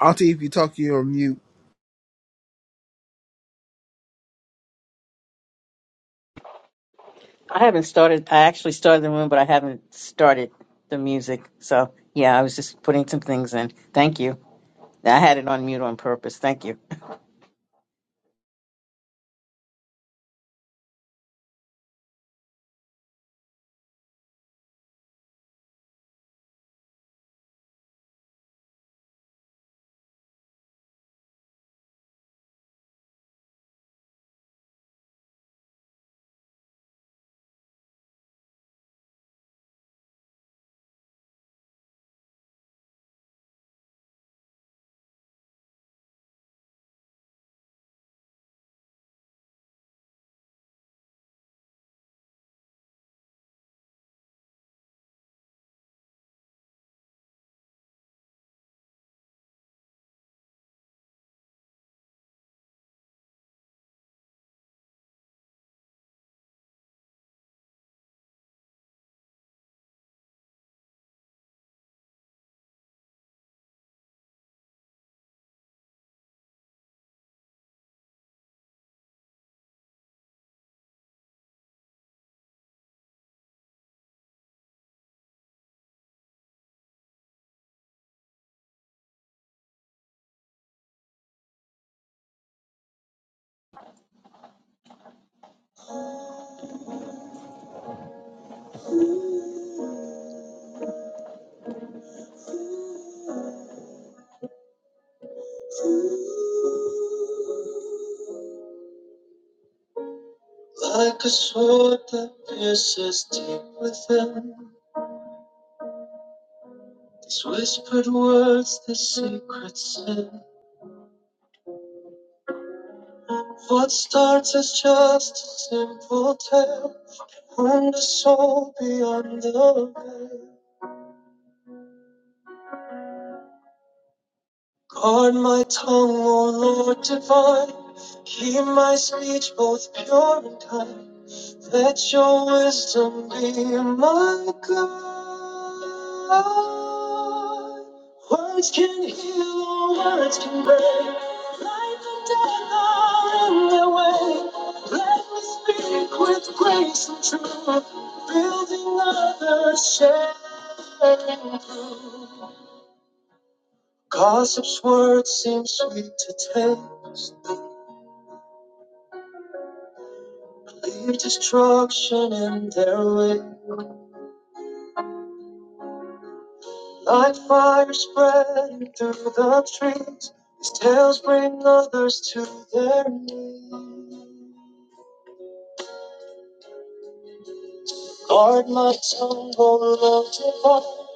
Auntie, if you talk, you're on mute. I haven't started. I actually started the room, but I haven't started the music. So yeah, I was just putting some things in. Thank you. I had it on mute on purpose. Thank you. Like a sword that pierces deep within. These whispered words, this secret sin. What starts as just a simple tale. Wound a soul beyond the veil. Guard my tongue, O Lord divine. Keep my speech both pure and kind. Let your wisdom be my guide. Words can heal, or words can break. Life and death are in their way. Let me speak with grace and truth, building others' shame. Gossip's words seem sweet to taste. Leave destruction in their way. Like fire spreading through the trees, these tales bring others to their knees. Guard my tongue, O Lord divine,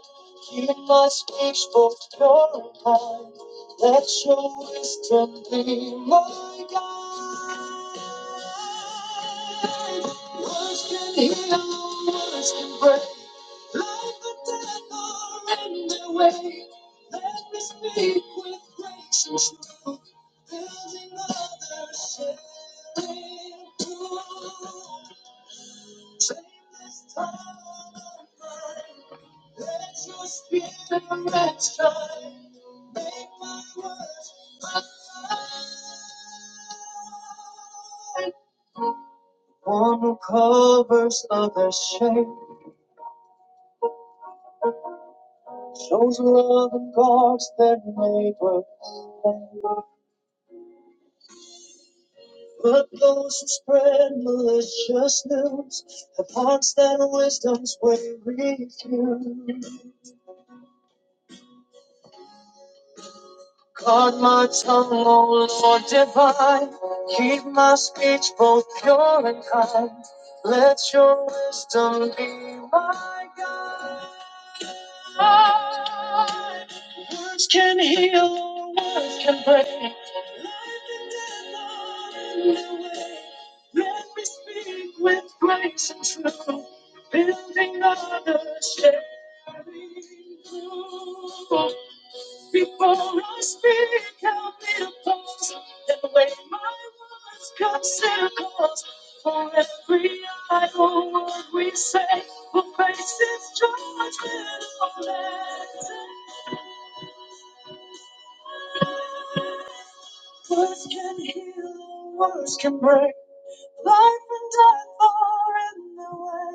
keep my speech both pure and kind. Let your wisdom be my guide. Words can heal, words can break. one who Covers other shame shows love and guards their neighbor. But those who spread malicious news have hearts that wisdom's way refuse. Guard my tongue, O Lord divine. Keep my speech both pure and kind. Let your wisdom be my guide. Words can heal, or words can break. Let me speak with grace and truth, building others. shape. Before I speak, help me to pause and weigh my words, consider cause for every idle word we say. For faces judgment on it. Words can heal, words can break. Life and death are in the way.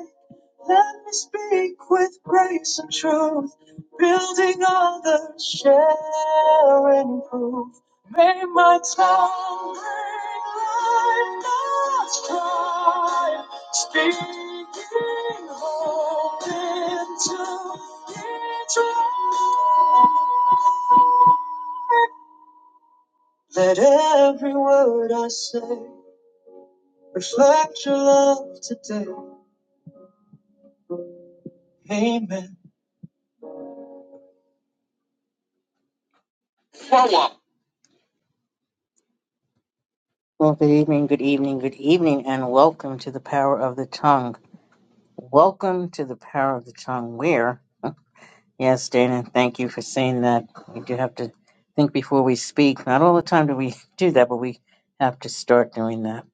Let me speak with grace and truth, building others, sharing proof. May my tongue bring life, God's cry, speaking hope into each one. Let every word I say reflect your love today. Amen. Well, good evening, good evening, good evening, and welcome to the power of the tongue. Welcome to the power of the tongue, where, yes, Dana, thank you for saying that. We do have to think before we speak. Not all the time do we do that, but we have to start doing that.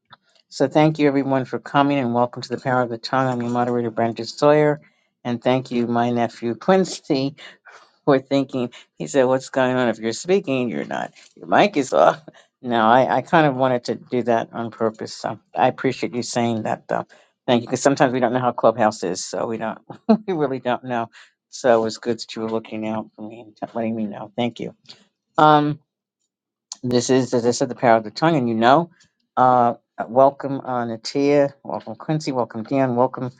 So, thank you everyone for coming and welcome to the power of the tongue. I'm your moderator, Brenda Sawyer, and thank you, my nephew Quincy. Poor thinking. He said, What's going on if you're speaking? You're not. Your mic is off. No, I, I kind of wanted to do that on purpose. So I appreciate you saying that, though. Thank you. Because sometimes we don't know how Clubhouse is. So we don't, we really don't know. So it was good that you were looking out for me and t- letting me know. Thank you. Um, this is, as I said, the power of the tongue. And you know, uh, welcome, uh, Natia. Welcome, Quincy. Welcome, Dan. Welcome,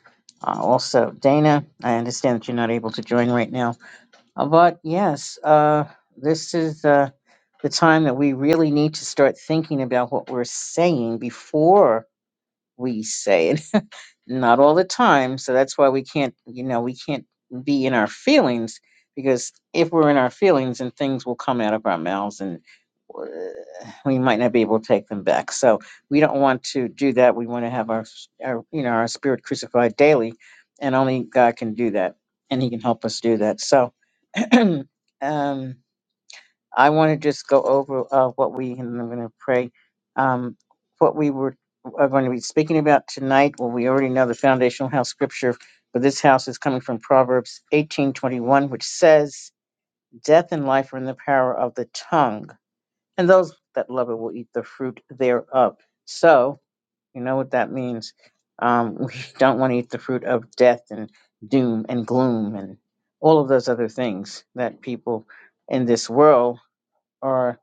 uh, also, Dana. I understand that you're not able to join right now uh, But yes, uh, this is uh, the time that we really need to start thinking about what we're saying before we say it. Not all the time, so that's why we can't, you know, we can't be in our feelings because if we're in our feelings, then things will come out of our mouths and uh, we might not be able to take them back. So we don't want to do that. We want to have our, our, you know, our spirit crucified daily, and only God can do that, and He can help us do that. So. um I want to just go over uh, what we, and I'm going to pray, um, what we were are going to be speaking about tonight. Well, we already know the foundational house scripture for this house is coming from Proverbs 18:21, which says, "Death and life are in the power of the tongue, and those that love it will eat the fruit thereof." So you know what that means. Um, we don't want to eat the fruit of death and doom and gloom and all of those other things that people in this world are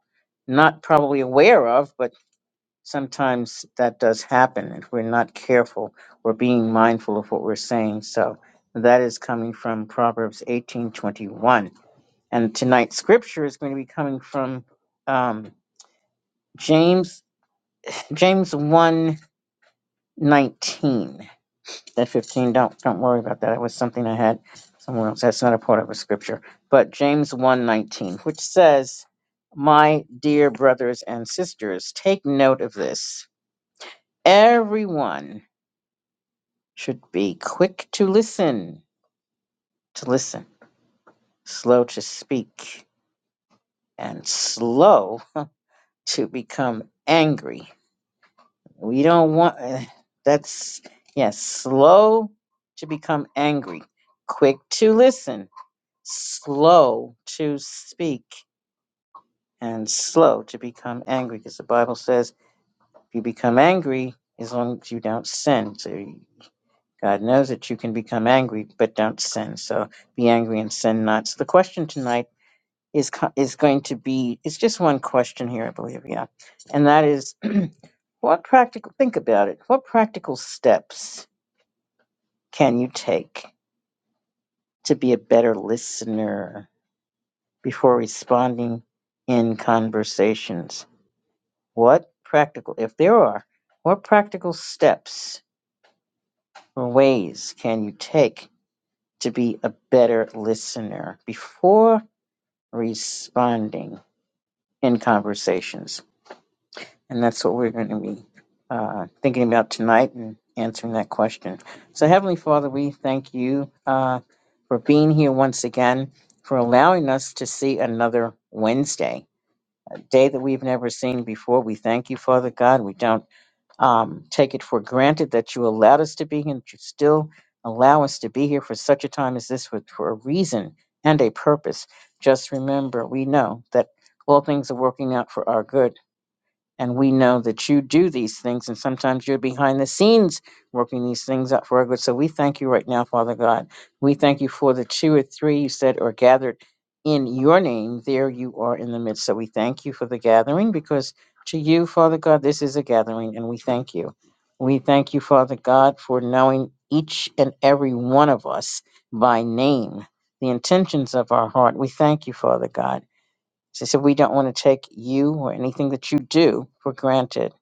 not probably aware of, but sometimes that does happen if we're not careful or being mindful of what we're saying. So that is coming from Proverbs 18:21. And tonight's scripture is going to be coming from um, James James one nineteen. That 15, don't don't worry about that. That was something I had somewhere else. That's not a part of a scripture. But James one nineteen, which says, "My dear brothers and sisters, take note of this. Everyone should be quick to listen, to listen, slow to speak, and slow to become angry. We don't want uh, that's yes, slow to become angry, quick to listen." slow to speak and slow to become angry because the bible says if you become angry as long as you don't sin so god knows that you can become angry but don't sin so be angry and sin not so the question tonight is co- is going to be it's just one question here i believe yeah and that is what practical think about it what practical steps can you take to be a better listener before responding in conversations What practical, if there are, what practical steps or ways can you take to be a better listener before responding in conversations? And that's what we're going to be uh, thinking about tonight and answering that question. So, Heavenly Father, we thank you uh, for being here once again, for allowing us to see another Wednesday, a day that we've never seen before. We thank you, Father God. We don't um, take it for granted that you allowed us to be here, that you still allow us to be here for such a time as this with, for a reason and a purpose. Just remember, we know that all things are working out for our good and we know that you do these things, and sometimes you're behind the scenes working these things out for our good. So we thank you right now, Father God. We thank you for the two or three you said are gathered in your name. There you are in the midst. So we thank you for the gathering because to you, Father God, this is a gathering, and we thank you. We thank you, Father God, for knowing each and every one of us by name, the intentions of our heart. We thank you, Father God. She said, We don't want to take you or anything that you do for granted.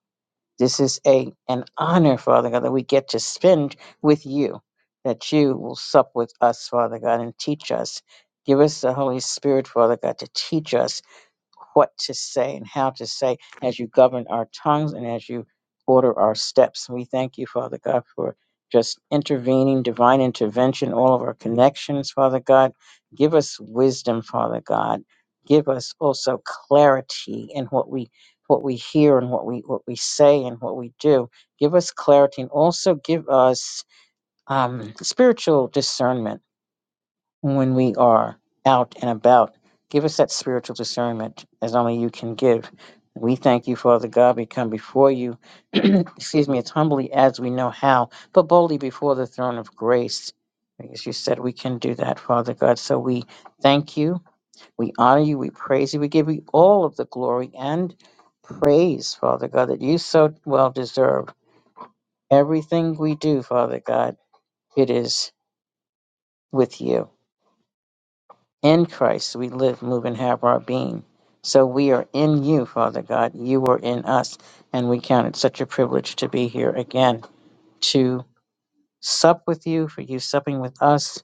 This is a an honor, Father God, that we get to spend with you, that you will sup with us, Father God, and teach us. Give us the Holy Spirit, Father God, to teach us what to say and how to say as you govern our tongues and as you order our steps. We thank you, Father God, for just intervening, divine intervention, all of our connections, Father God. Give us wisdom, Father God. Give us also clarity in what we what we hear and what we what we say and what we do. Give us clarity and also give us um, spiritual discernment when we are out and about. Give us that spiritual discernment as only you can give. We thank you, Father God. We come before you, excuse me, as humbly as we know how, but boldly before the throne of grace. Because you said we can do that, Father God. So we thank you, we honor you, we praise you, we give you all of the glory and praise, Father God, that you so well deserve. Everything we do, Father God, it is with you. In Christ we live, move, and have our being. So we are in you, Father God. You are in us. And we count it such a privilege to be here again to sup with you, for you supping with us.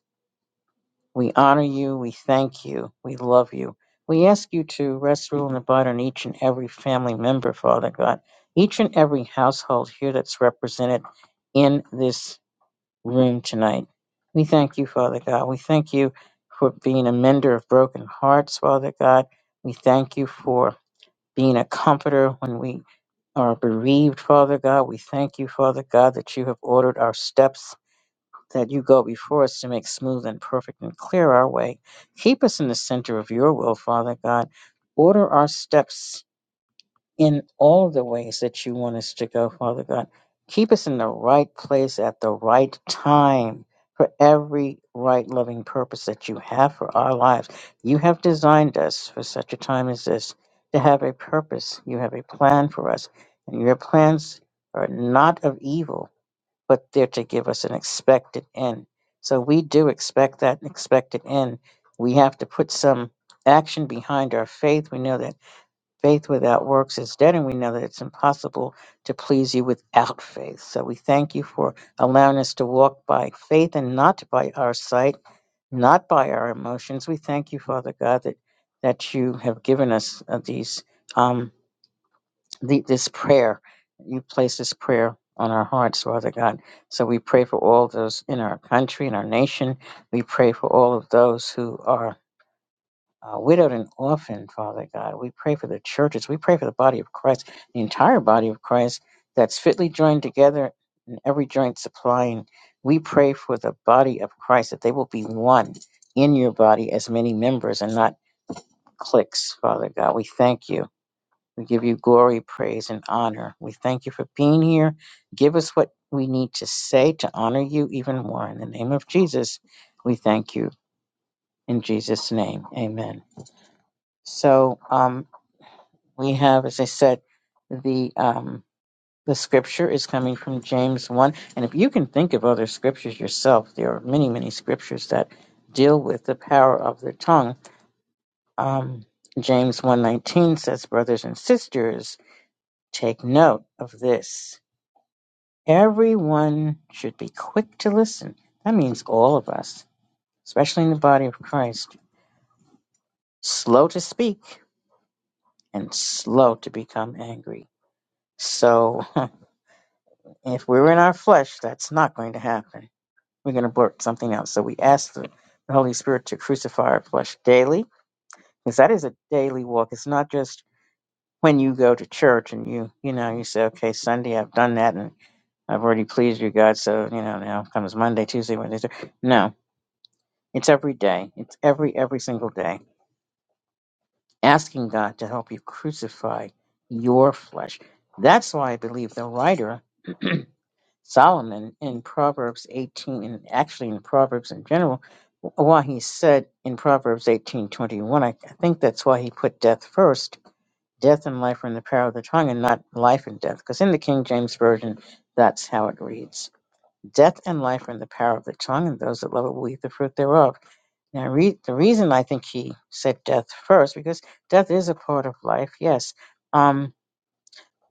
We honor you. We thank you. We love you. We ask you to rest, rule, and abide on each and every family member, Father God, each and every household here that's represented in this room tonight. We thank you, Father God. We thank you for being a mender of broken hearts, Father God. We thank you for being a comforter when we are bereaved, Father God. We thank you, Father God, that you have ordered our steps, that you go before us to make smooth and perfect and clear our way. Keep us in the center of your will, Father God. Order our steps in all the ways that you want us to go, Father God. Keep us in the right place at the right time for every right loving purpose that you have for our lives. You have designed us for such a time as this to have a purpose. You have a plan for us, and your plans are not of evil, but they're to give us an expected end. So we do expect that expected end. We have to put some action behind our faith. We know that Faith without works is dead, and we know that it's impossible to please you without faith. So we thank you for allowing us to walk by faith and not by our sight, not by our emotions. We thank you, Father God, that, that you have given us uh, these um, the, this prayer. You place this prayer on our hearts, Father God. So we pray for all those in our country, in our nation. We pray for all of those who are uh, widowed and orphaned, Father God. We pray for the churches. We pray for the body of Christ, the entire body of Christ that's fitly joined together and every joint supplying. We pray for the body of Christ that they will be one in your body as many members and not cliques, Father God. We thank you. We give you glory, praise, and honor. We thank you for being here. Give us what we need to say to honor you even more. In the name of Jesus, we thank you. In Jesus' name, amen. So, um, We have, as I said, the um, the scripture is coming from James one, and if you can think of other scriptures yourself, there are many, many scriptures that deal with the power of the tongue. Um, James one nineteen says, "Brothers and sisters, take note of this. Everyone should be quick to listen. That means all of us, especially in the body of Christ, slow to speak and slow to become angry." So If we're in our flesh, that's not going to happen. We're going to blurt something out. So we ask the, the Holy Spirit to crucify our flesh daily, because that is a daily walk. It's not just when you go to church and you, you know, you say, okay, Sunday I've done that and I've already pleased you, God. So you know, now comes Monday, Tuesday, Wednesday. Thursday." No, it's every day. It's every every single day asking God to help you crucify your flesh. That's why I believe the writer Solomon in Proverbs 18, and actually in Proverbs in general, why he said in Proverbs 18:21, I, I think that's why he put death first. Death and life are in the power of the tongue, and not life and death. Because in the King James Version, that's how it reads. Death and life are in the power of the tongue, and those that love it will eat the fruit thereof. Now, re- the reason I think he said death first, because death is a part of life, yes. Um,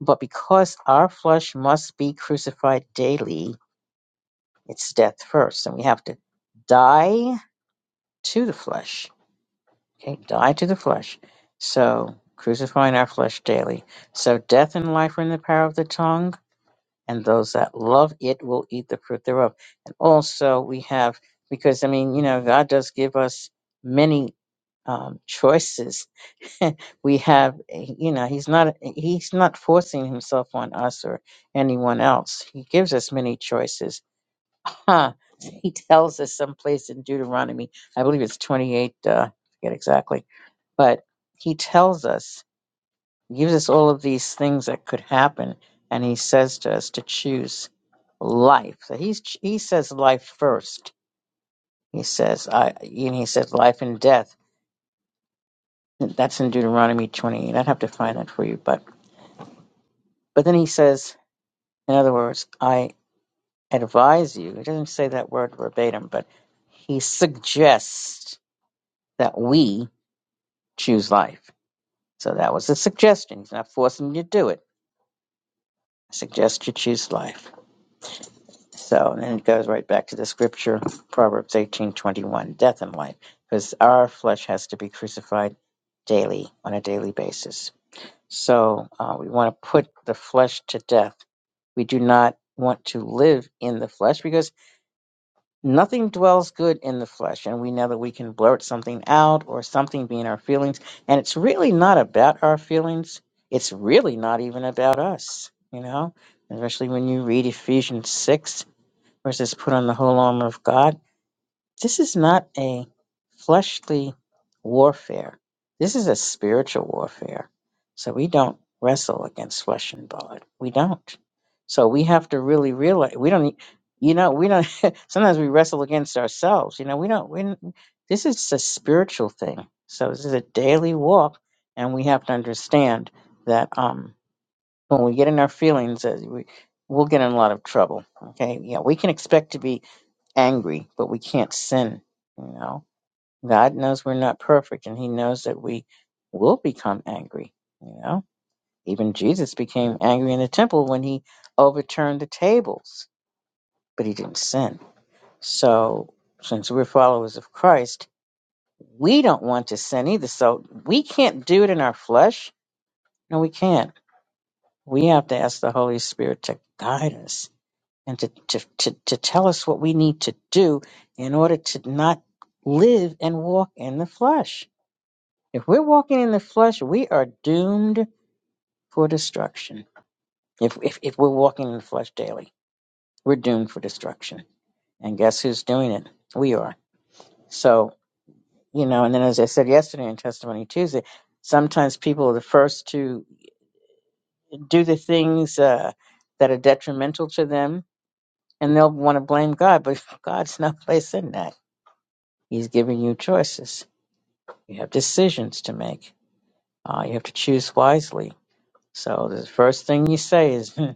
but because our flesh must be crucified daily, it's death first, and we have to die to the flesh. Okay, die to the flesh. So crucifying our flesh daily. So death and life are in the power of the tongue, and those that love it will eat the fruit thereof. And also we have because I mean, you know, God does give us many um, choices. we have, eh, you know, He's not He's not forcing Himself on us or anyone else. He gives us many choices Huh. He tells us someplace in Deuteronomy, I believe it's 28, uh, I forget exactly, but he tells us, gives us all of these things that could happen, and he says to us to choose life. So he's, he says life first. He says, I, and he says life and death. That's in Deuteronomy 28. I'd have to find that for you, but, but then he says, in other words, I advise you. He doesn't say that word verbatim, but he suggests that we choose life. So that was a suggestion. He's not forcing you to do it. I suggest you choose life. So and then it goes right back to the scripture, Proverbs eighteen twenty one, death and life, because our flesh has to be crucified daily on a daily basis. So uh, we want to put the flesh to death. We do not want to live in the flesh because Nothing dwells good in the flesh, and we know that we can blurt something out or something being our feelings. And it's really not about our feelings. It's really not even about us, you know, especially when you read Ephesians 6, where it says, Put on the whole armor of God. This is not a fleshly warfare. This is a spiritual warfare. So we don't wrestle against flesh and blood. We don't. So we have to really realize we don't. e- You know, we don't. sometimes we wrestle against ourselves. You know, we don't. We, don't- this is a spiritual thing. So this is a daily walk, and we have to understand that um, when we get in our feelings, uh, we, we'll get in a lot of trouble. Okay, yeah, we can expect to be angry, but we can't sin, you know. God knows we're not perfect and he knows that we will become angry, you know. Even Jesus became angry in the temple when he overturned the tables, but he didn't sin. So, since we're followers of Christ, we don't want to sin either. So, we can't do it in our flesh. No, we can't. We have to ask the Holy Spirit to guide us and to, to, to, to tell us what we need to do in order to not live and walk in the flesh. If we're walking in the flesh, we are doomed for destruction. If, if, if we're walking in the flesh daily, we're doomed for destruction. And guess who's doing it? We are. So, you know, and then as I said yesterday in Testimony Tuesday, sometimes people are the first to do the things uh, that are detrimental to them and they'll want to blame God, but God's not placing that He's giving you choices. You have decisions to make. Uh, you have to choose wisely. So the first thing you say is, "Hmm,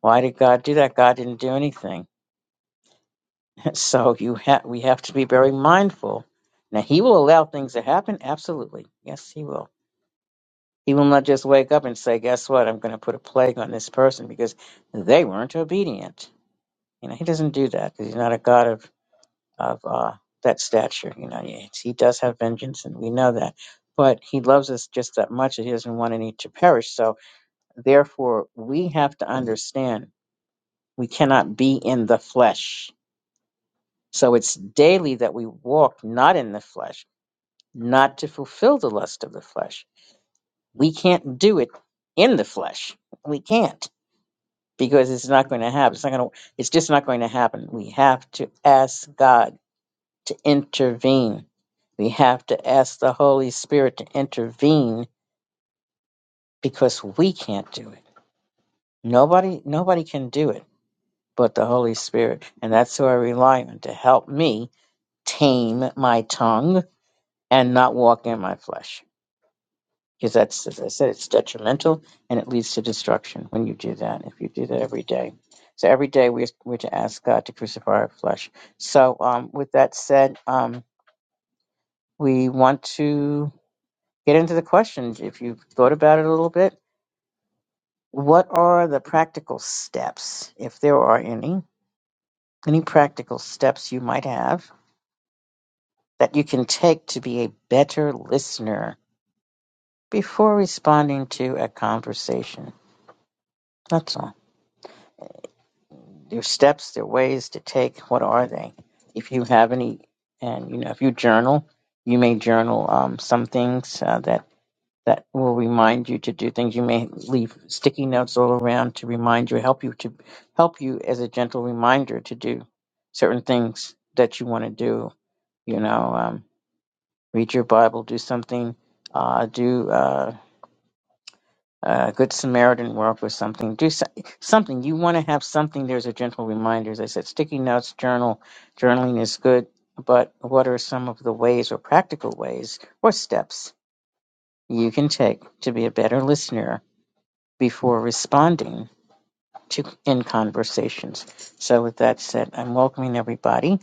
"Why did God do that? God didn't do anything." so you ha- we have to be very mindful. Now He will allow things to happen. Absolutely, yes, He will. He will not just wake up and say, "Guess what? I'm going to put a plague on this person because they weren't obedient." You know, He doesn't do that because He's not a God of of uh, that stature. You know, he he does have vengeance, and we know that. But he loves us just that much that he doesn't want any to perish. So, therefore, we have to understand we cannot be in the flesh. So, it's daily that we walk not in the flesh, not to fulfill the lust of the flesh. We can't do it in the flesh. We can't because it's not going to happen. It's not going to. It's just not going to happen. We have to ask God to intervene. We have to ask the Holy Spirit to intervene because we can't do it. Nobody nobody can do it but the Holy Spirit. And that's who I rely on to help me tame my tongue and not walk in my flesh. Because that's as I said, it's detrimental and it leads to destruction when you do that, if you do that every day. So every day we we're to ask God to crucify our flesh. So um, with that said, um, we want to get into the questions if you've thought about it a little bit. What are the practical steps, if there are any, any practical steps you might have that you can take to be a better listener before responding to a conversation? That's all. There are steps, there are ways to take. What are they? If you have any, and you know, if you journal, you may journal um, some things uh, that. that will remind you to do things. You may leave sticky notes all around to remind you, help you to help you as a gentle reminder to do certain things that you want to do. You know, um, read your Bible, do something, uh, do uh, uh, good Samaritan work or something. Do so- something you want to have something. There's a gentle reminder. As I said, sticky notes, journal, journaling is good. But what are some of the ways or practical ways or steps you can take to be a better listener before responding to in conversations. So with that said, I'm welcoming everybody.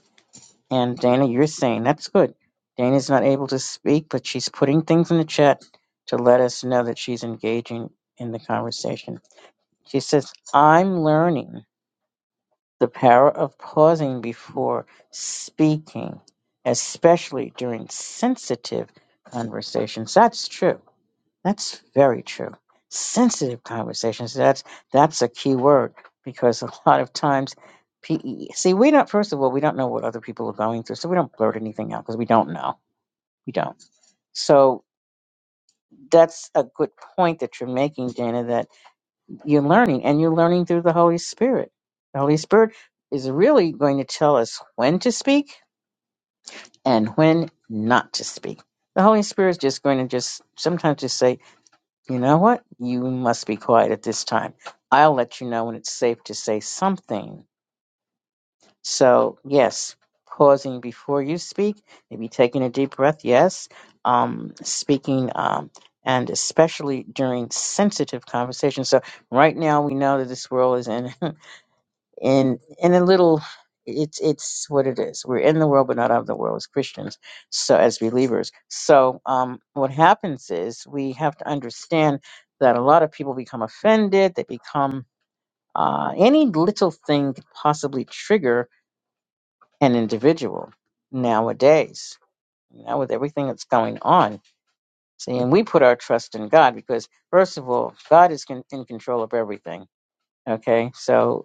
And Dana, you're saying that's good. Dana's not able to speak, but she's putting things in the chat to let us know that she's engaging in the conversation. She says, I'm learning the power of pausing before speaking, especially during sensitive conversations. That's true. That's very true. Sensitive conversations. That's that's a key word because a lot of times, pe- see, we don't. First of all, we don't know what other people are going through, so we don't blurt anything out because we don't know. We don't. So that's a good point that you're making, Dana. That you're learning, and you're learning through the Holy Spirit. The Holy Spirit is really going to tell us when to speak and when not to speak. The Holy Spirit is just going to just sometimes just say You know what? You must be quiet at this time. I'll let you know when it's safe to say something. So, yes, pausing before you speak, maybe taking a deep breath, yes, um, speaking, um, and especially during sensitive conversations. So, right now, we know that this world is in. and and a little it's it's what it is we're in the world but not of the world as christians so as believers so um what happens is we have to understand that a lot of people become offended they become uh any little thing could possibly trigger an individual nowadays now with everything that's going on see and we put our trust in god because first of all god is con- in control of everything okay so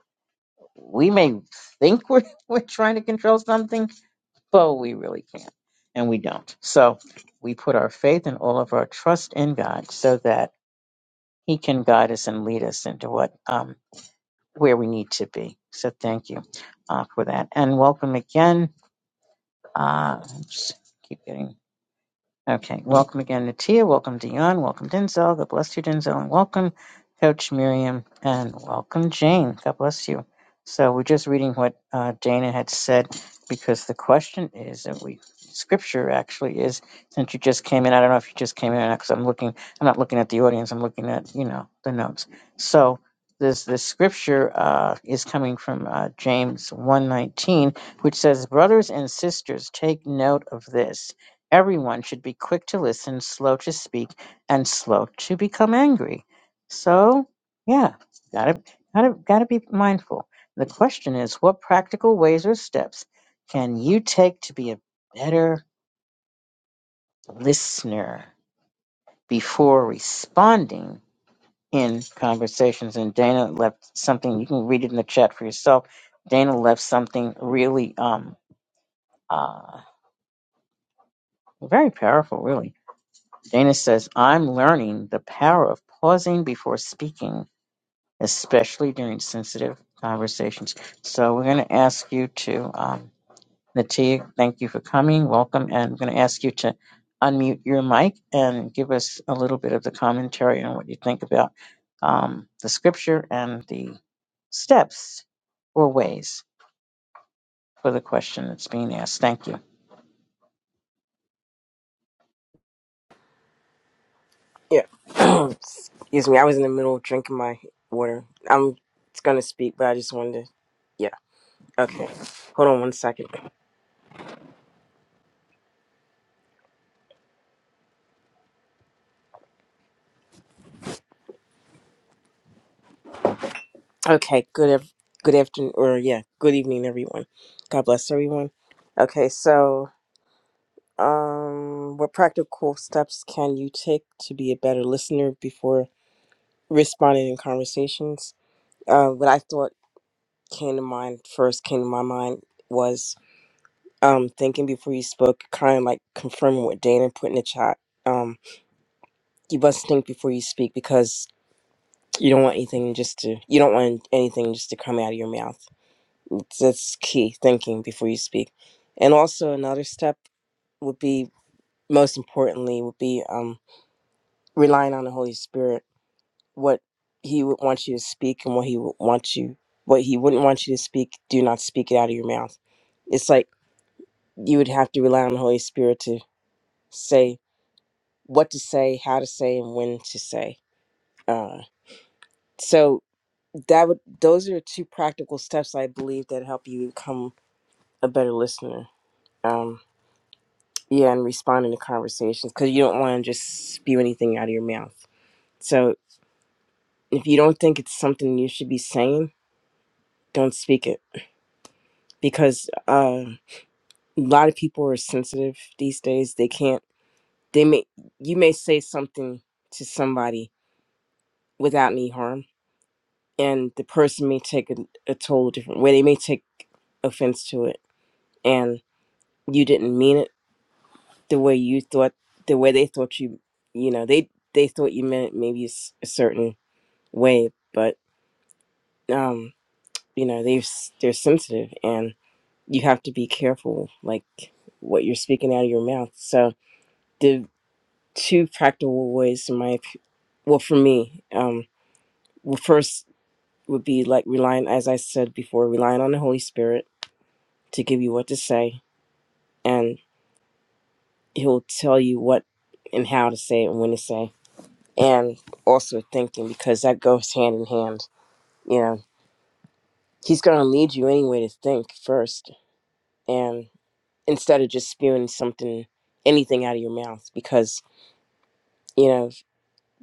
we may think we're we're trying to control something, but we really can't, and we don't. So we put our faith and all of our trust in God, so that He can guide us and lead us into what um, where we need to be. So thank you uh, for that, and welcome again. Uh, oops, keep getting. Okay. Welcome again, Natia. Welcome, Dion. Welcome, Denzel. God bless you, Denzel. And welcome, Coach Miriam. And welcome, Jane. God bless you. So we're just reading what uh, Dana had said because the question is and we scripture actually is since you just came in. I don't know if you just came in or not because I'm looking. I'm not looking at the audience. I'm looking at you know the notes. So this this scripture uh, is coming from uh, James one nineteen, which says, "Brothers and sisters, take note of this." Everyone should be quick to listen, slow to speak, and slow to become angry. So, yeah, gotta gotta gotta be mindful. The question is, what practical ways or steps can you take to be a better listener before responding in conversations? And Dana left something. You can read it in the chat for yourself. Dana left something really um uh very powerful, really Janice says, I'm learning the power of pausing before speaking, especially during sensitive conversations. So we're going to ask you to, um, Natia, thank you for coming. Welcome. And I'm going to ask you to unmute your mic and give us a little bit of the commentary on what you think about um, the scripture and the steps or ways for the question that's being asked. Thank you. Yeah. Excuse me. I was in the middle of drinking my water. I'm gonna speak, but I just wanted to. Yeah. Okay. Hold on one second. Okay. Good. ev- Good afternoon, or yeah, good evening, everyone. God bless everyone. Okay. So, um, what practical steps can you take to be a better listener before responding in conversations? Uh, what I thought came to mind first came to my mind was um thinking before you spoke, kind of like confirming what Dana put in the chat. Um, you must think before you speak because you don't want anything just to you don't want anything just to come out of your mouth. It's- That's key. Thinking before you speak, and also another step would be most importantly would be um relying on the Holy Spirit. What He would want you to speak and what He would want you what He wouldn't want you to speak. Do not speak it out of your mouth. It's like you would have to rely on the Holy Spirit to say what to say, how to say, and when to say. Uh, so that would those are two practical steps I believe that help you become a better listener. Um, yeah, and responding to conversations because you don't want to just spew anything out of your mouth. So if you don't think it's something you should be saying, don't speak it because uh, a lot of people are sensitive these days. They can't. They may you may say something to somebody without any harm and the person may take a, a total different way. They may take offense to it, and you didn't mean it the way you thought, the way they thought you, you know, they they thought you meant it maybe a s- a certain way, but um, you know, they s- they're sensitive, and you have to be careful, like what you're speaking out of your mouth. So the two practical ways, in my, op- well, for me, um, well, first would be like relying, as I said before, relying on the Holy Spirit to give you what to say, and he'll tell you what and how to say it and when to say. And also thinking because that goes hand in hand. You know, he's going to lead you anyway to think first, and instead of just spewing something, anything out of your mouth, because you know,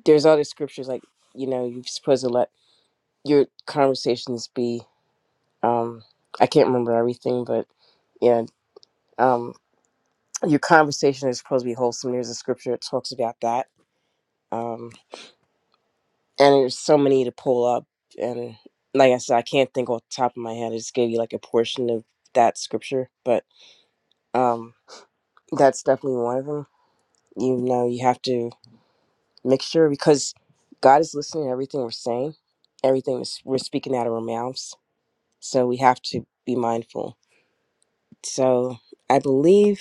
there's other scriptures like you know you're supposed to let your conversations be. Um, I can't remember everything, but yeah, um, your conversation is supposed to be wholesome. There's a scripture that talks about that. Um, and there's so many to pull up and like i said i can't think off the top of my head i just gave you like a portion of that scripture but um that's definitely one of them you know you have to make sure because god is listening to everything we're saying everything is- we're speaking out of our mouths so we have to be mindful so i believe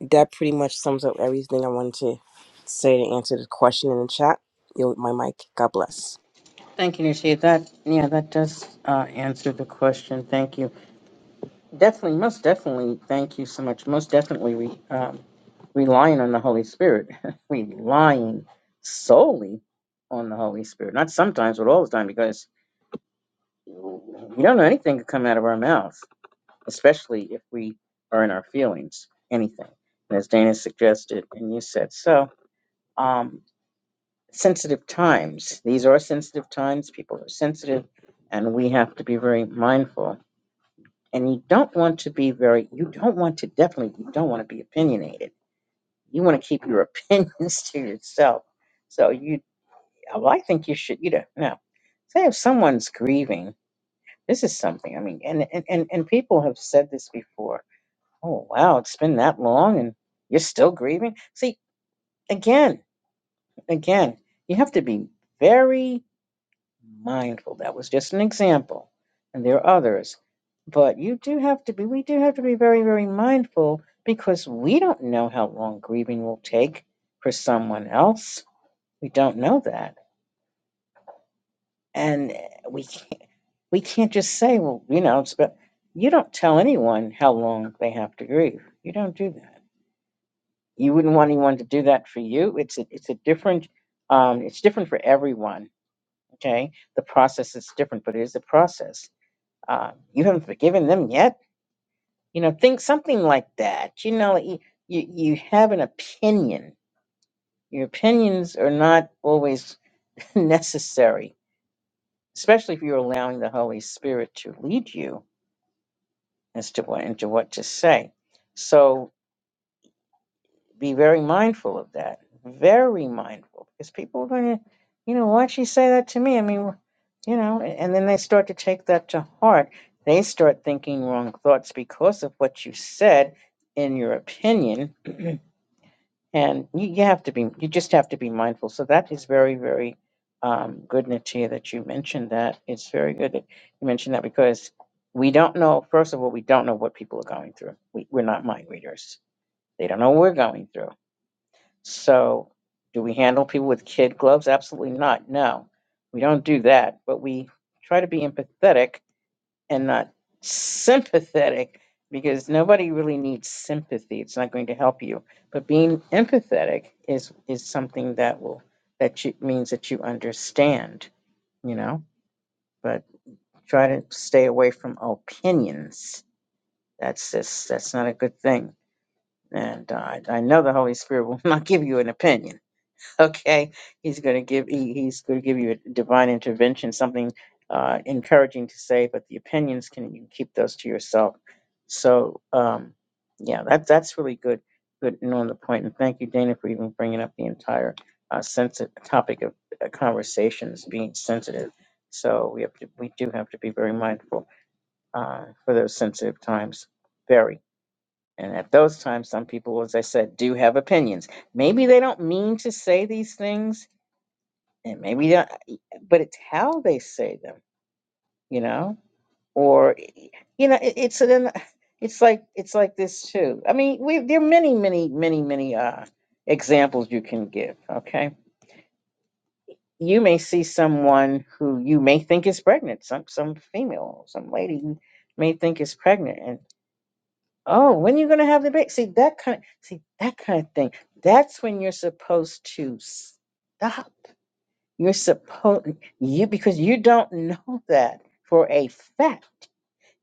that pretty much sums up everything i wanted to say to answer the question in the chat Yo, my mic god bless Thank you, Natia. That, yeah, that does uh, answer the question. Thank you. Definitely, most definitely. Thank you so much. Most definitely, we um, relying on the Holy Spirit, relying solely on the Holy Spirit. Not sometimes, but all the time, because we don't know anything could come out of our mouth, especially if we are in our feelings. Anything, and as Dana suggested and you said so. Um, sensitive times. These are sensitive times. People are sensitive, and we have to be very mindful and you don't want to be very you don't want to definitely you don't want to be opinionated you want to keep your opinions to yourself so you well, i think you should you don't know no. say if someone's grieving this is something i mean and and and, and people have said this before oh wow it's been that long and you're still grieving see again again you have to be very mindful. That was just an example, and there are others. But you do have to be, we do have to be very, very mindful because we don't know how long grieving will take for someone else. We don't know that. And we can't, we can't just say, well, you know, it's about, you don't tell anyone how long they have to grieve. You don't do that. You wouldn't want anyone to do that for you. It's a, it's a different, um, it's different for everyone. Okay. The process is different, but it is a process uh, you haven't forgiven them yet you know think something like that you know you, you you have an opinion your opinions are not always necessary especially if you're allowing the holy spirit to lead you as to what into what to say so be very mindful of that. Very mindful. Because people are going to, you know, why'd she say that to me? I mean, you know, and then they start to take that to heart. They start thinking wrong thoughts because of what you said in your opinion. and you, you have to be, you just have to be mindful. So that is very, very um, good, Natia, that you mentioned that. It's very good that you mentioned that because we don't know, first of all, we don't know what people are going through. We, we're not mind readers. They don't know what we're going through so, do we handle people with kid gloves? Absolutely not. No, we don't do that. But we try to be empathetic and not sympathetic because nobody really needs sympathy. It's not going to help you. But being empathetic is is something that will that you, means that you understand. You know, but try to stay away from opinions. That's just that's not a good thing. And uh, I I know the Holy Spirit will not give you an opinion Okay, he's going to give he, he's going to give you a divine intervention, something uh, encouraging to say, but the opinions can you keep those to yourself. So um, yeah, that that's really good, good and on the point. And thank you, Dana, for even bringing up the entire uh, sensitive topic of uh, conversations being sensitive. So we have to we do have to be very mindful uh, for those sensitive times, very. And at those times, some people, as I said, do have opinions. Maybe they don't mean to say these things and maybe not, e, but it's how they say them, you know, or e, you know, it, it's an, it's like it's like this too. I mean, we there are many, many, many, many uh, examples you can give. Okay, you may see someone who you may think is pregnant, some some female, some lady you may think is pregnant, and oh, when are you gonna have the baby? See that kind, see that kind of thing. That's when you're supposed to stop You're supposed you because you don't know that for a fact,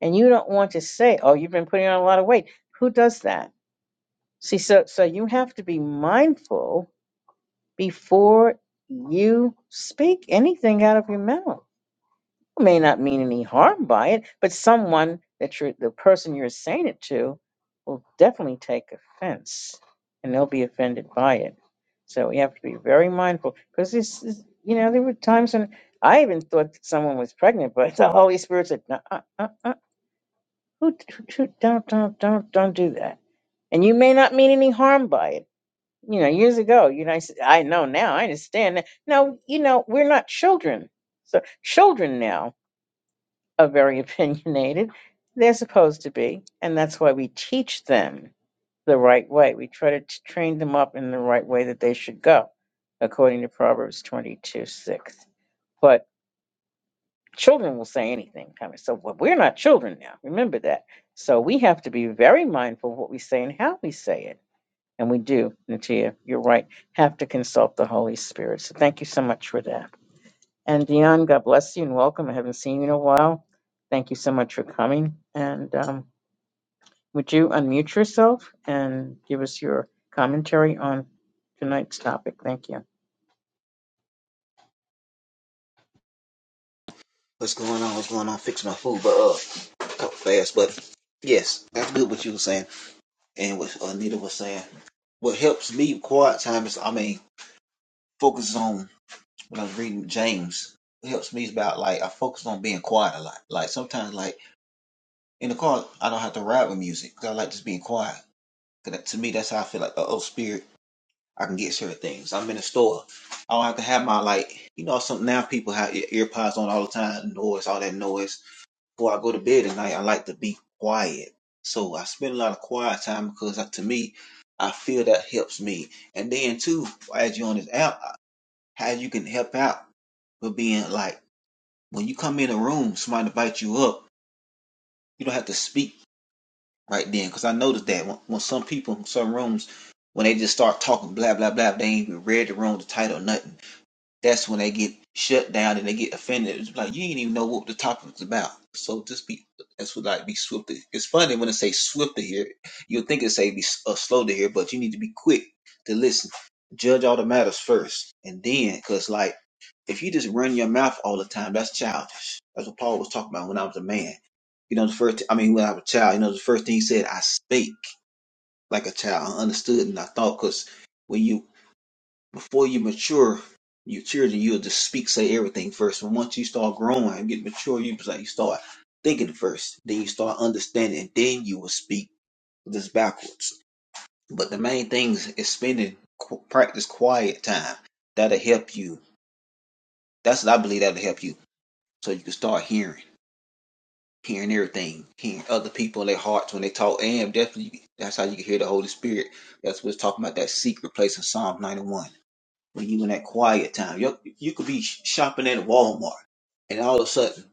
and you don't want to say, "Oh, you've been putting on a lot of weight." Who does that? See, so so you have to be mindful before you speak anything out of your mouth may not mean any harm by it, but someone that you're the person you're saying it to will definitely take offense and they'll be offended by it. So we have to be very mindful because this is, you know, there were times when I even thought that someone was pregnant, but the Holy Spirit said, no, uh, uh, uh, who, who, who- don't, don't, don't, don't do that. And you may not mean any harm by it. You know, years ago, you know, I, s- I know now, I understand that. No, you know, we're not children. So children now are very opinionated. They're supposed to be, and that's why we teach them the right way. We try to t- train them up in the right way that they should go, according to Proverbs 22 6. But children will say anything. I mean, so well, we're not children now. Remember that. So we have to be very mindful of what we say and how we say it. And we do, Natia, you're right, have to consult the Holy Spirit. So thank you so much for that. And Dion, God bless you and welcome. I haven't seen you in a while. Thank you so much for coming. And um, would you unmute yourself and give us your commentary on tonight's topic? Thank you. What's going on? What's going on? Fixing my food, but uh, talk fast. But yes, that's good what you were saying, and what uh, Anita was saying. What helps me quiet time is, I mean, focus on when I was reading James. What helps me is about like I focus on being quiet a lot. Like sometimes, like in the car, I don't have to ride with music 'cause I like just being quiet. 'Cause that, to me, that's how I feel like the oh spirit. I can get certain things. I'm in a store. I don't have to have my like, you know, some now people have ear ear pods on all the time, noise, all that noise before I go to bed at night, I like to be quiet. So I spend a lot of quiet time because uh, to me, I feel that helps me. And then too, as you on this app, uh, how you can help out with being like when you come in a room, somebody invite you up, you don't have to speak right then. Because I noticed that when, when some people in some rooms, when they just start talking blah blah blah, they ain't even read the room, the title, nothing. That's when they get shut down and they get offended. It's like you didn't even know what the topic was about. So just be that's what like be swift. It's funny when it say swift to hear. You'll think it say be s- uh, slow to hear, but you need to be quick to listen. Judge all the matters first, and then because like if you just run your mouth all the time, that's childish. That's what Paul was talking about when I was a man. You know, the first, I mean, when I was a child, you know, the first thing he said, I spake like a child. I understood and I thought, because when you before you mature, your children, you'll just speak, say everything first. But once you start growing and get mature, you like you start thinking first, then you start understanding, then you will speak this backwards. But the main thing is spending qu- practice quiet time. That'll help you. That's what I believe that'll help you, so you can start hearing, hearing everything, hearing other people in their hearts when they talk. And definitely, that's how you can hear the Holy Spirit. That's what's talking about that secret place in Psalm 91. when you in that quiet time. You, you could be sh- shopping at Walmart, and all of a sudden,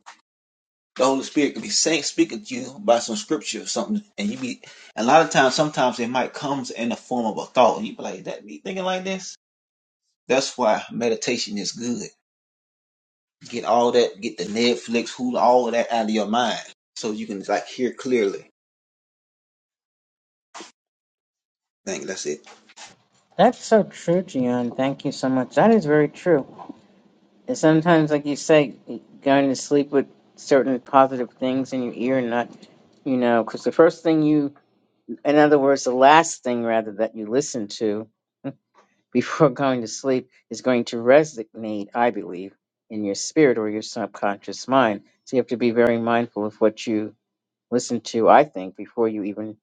the Holy Spirit could be saying, speaking to you by some scripture or something, and you be. A lot of times, sometimes it might comes in the form of a thought, and you be like, "That me thinking like this." That's why meditation is good. Get all that, get the Netflix, Hulu, all of that out of your mind, so you can like hear clearly. I think that's it. That's so true, Dion. Thank you so much. That is very true. And sometimes, like you say, going to sleep with certain positive things in your ear and not, you know, because the first thing you, in other words, the last thing rather that you listen to. before going to sleep is going to resonate, I believe, in your spirit or your subconscious mind. So you have to be very mindful of what you listen to, I think, before you even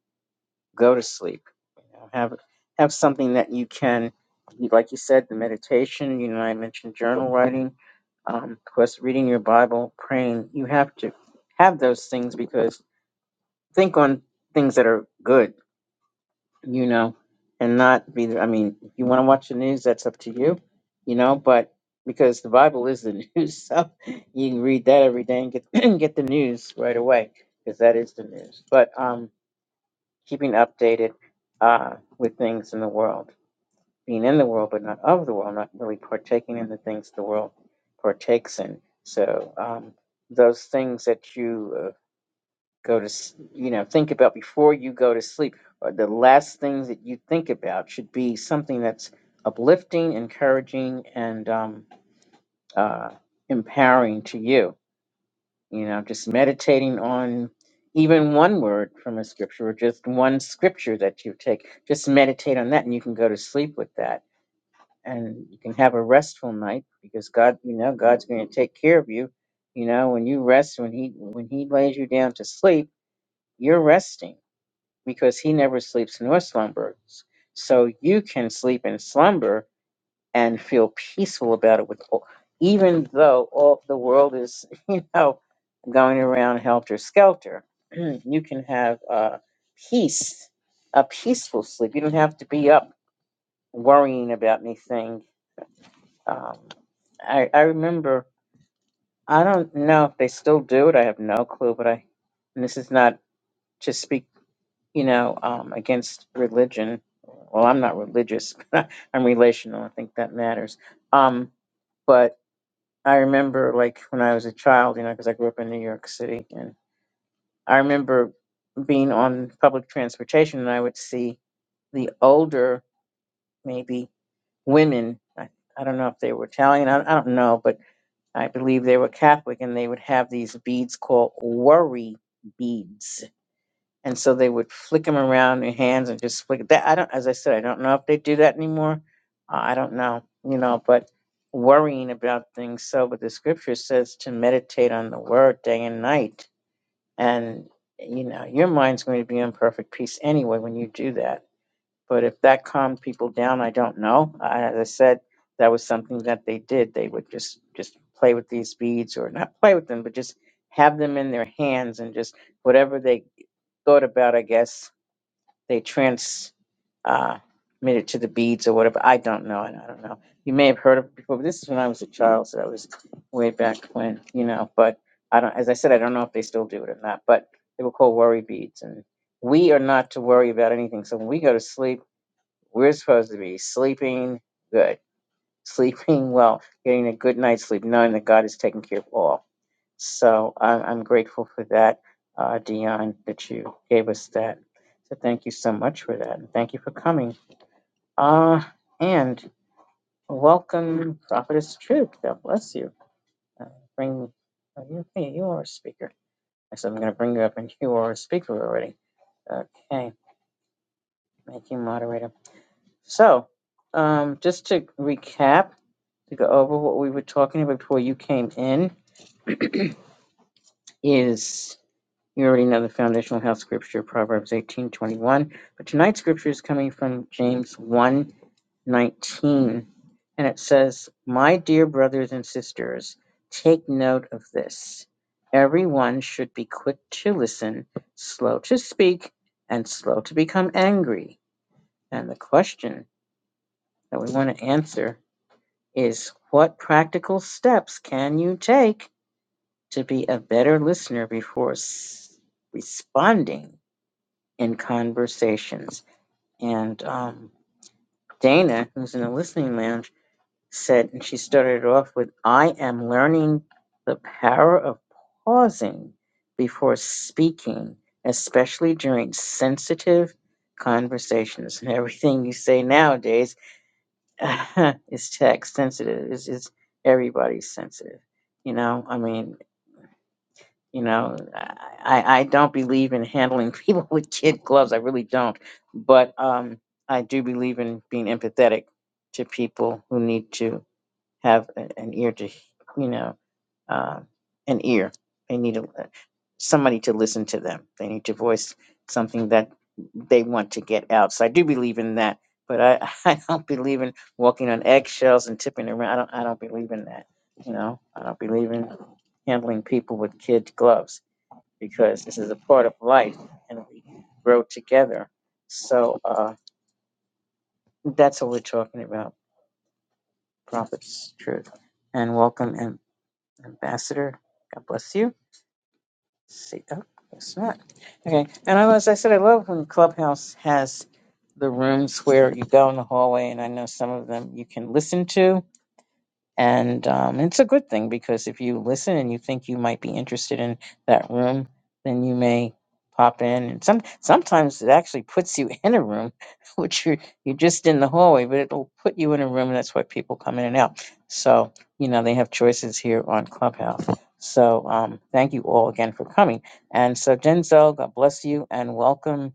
go to sleep. You know, have have something that you can, like you said, the meditation. You know, I mentioned journal writing, um, of course, reading your Bible, praying. You have to have those things because think on things that are good you know, and not be. the, I mean, if you want to watch the news, that's up to you, you know. But because the Bible is the news, so you can read that every day and get and get the news right away because that is the news. But um, keeping updated uh, with things in the world, being in the world but not of the world, not really partaking in the things the world partakes in. So um, those things that you uh, go to s- you know think about before you go to sleep or the last things that you think about should be something that's uplifting encouraging and um, uh, empowering to you you know just meditating on even one word from a scripture or just one scripture that you take just meditate on that and you can go to sleep with that and you can have a restful night because god you know god's going to take care of you you know when you rest when he when he lays you down to sleep you're resting because he never sleeps nor slumbers. So you can sleep in slumber and feel peaceful about it, with all, even though all the world is, you know, going around helter skelter. you can have uh, peace, a peaceful sleep. You don't have to be up worrying about anything. Um, I, I remember, I don't know if they still do it. I have no clue, but I, and this is not just speaking. you know, um, against religion. Well, I'm not religious, I'm relational. I think that matters. Um, but I remember, like, when I was a child, you know, because I grew up in New York City, and I remember being on public transportation and I would see the older, maybe women. I, I don't know if they were Italian, I, I don't know, but I believe they were Catholic, and they would have these beads called worry beads and so they would flick them around in your hands and just flick that. I don't, as I said, I don't know if they do that anymore. Uh, I don't know, you know, but worrying about things. So, but the scripture says to meditate on the word day and night, and you know, your mind's going to be in perfect peace anyway when you do that. But if that calmed people down, I don't know. I, as I said, that was something that they did. They would just just play with these beads, or not play with them, but just have them in their hands and just whatever they thought about, I guess they transmit uh, it to the beads or whatever. I don't know. and I don't know. You may have heard of it before, but this is when I was a child, so that was way back when, you know. But I don't, as I said, I don't know if they still do it or not. But they were called worry beads, and we are not to worry about anything. So when we go to sleep, we're supposed to be sleeping good, sleeping well, getting a good night's sleep, knowing that God is taking care of all. So I, I'm grateful for that, uh, Dion, that you gave us that. So thank you so much for that. And thank you for coming. Uh, and welcome, Prophetess Truth. God bless you. Uh, bring oh, you, hey, you are a speaker. I said I'm going to bring you up, and you are a speaker already. Okay, thank you, moderator. So um, just to recap, to go over what we were talking about before you came in, is. You already know the foundational health scripture, Proverbs eighteen twenty one. But tonight's scripture is coming from James one nineteen, And it says, My dear brothers and sisters, take note of this. Everyone should be quick to listen, slow to speak, and slow to become angry. And the question that we want to answer is what practical steps can you take to be a better listener before s- responding? in conversations. And um, Dana, who's in the listening lounge, said, and she started off with, I am learning the power of pausing before speaking, especially during sensitive conversations. And everything you say nowadays is text sensitive, is is everybody's sensitive. You know, I mean, You know, I, I don't believe in handling people with kid gloves. I really don't. But um, I do believe in being empathetic to people who need to have a- an ear to, you know, uh, an ear. They need a, somebody to listen to them. They need to voice something that they want to get out. So I do believe in that, but I, I don't believe in walking on eggshells and tipping around. I don't I don't believe in that. You know, I don't believe in handling people with kid gloves because this is a part of life and we grow together. So uh, that's what we're talking about, Prophet's Truth. And welcome, Ambassador, God bless you. See, oh, guess not. Okay, and I, as I said, I love when Clubhouse has the rooms where you go in the hallway, and I know some of them you can listen to. And um, it's a good thing because if you listen and you think you might be interested in that room, then you may pop in. And some sometimes it actually puts you in a room, which you you're just in the hallway, but it'll put you in a room, and that's why people come in and out. So you know they have choices here on Clubhouse. So um, thank you all again for coming. And so Denzel, God bless you, and welcome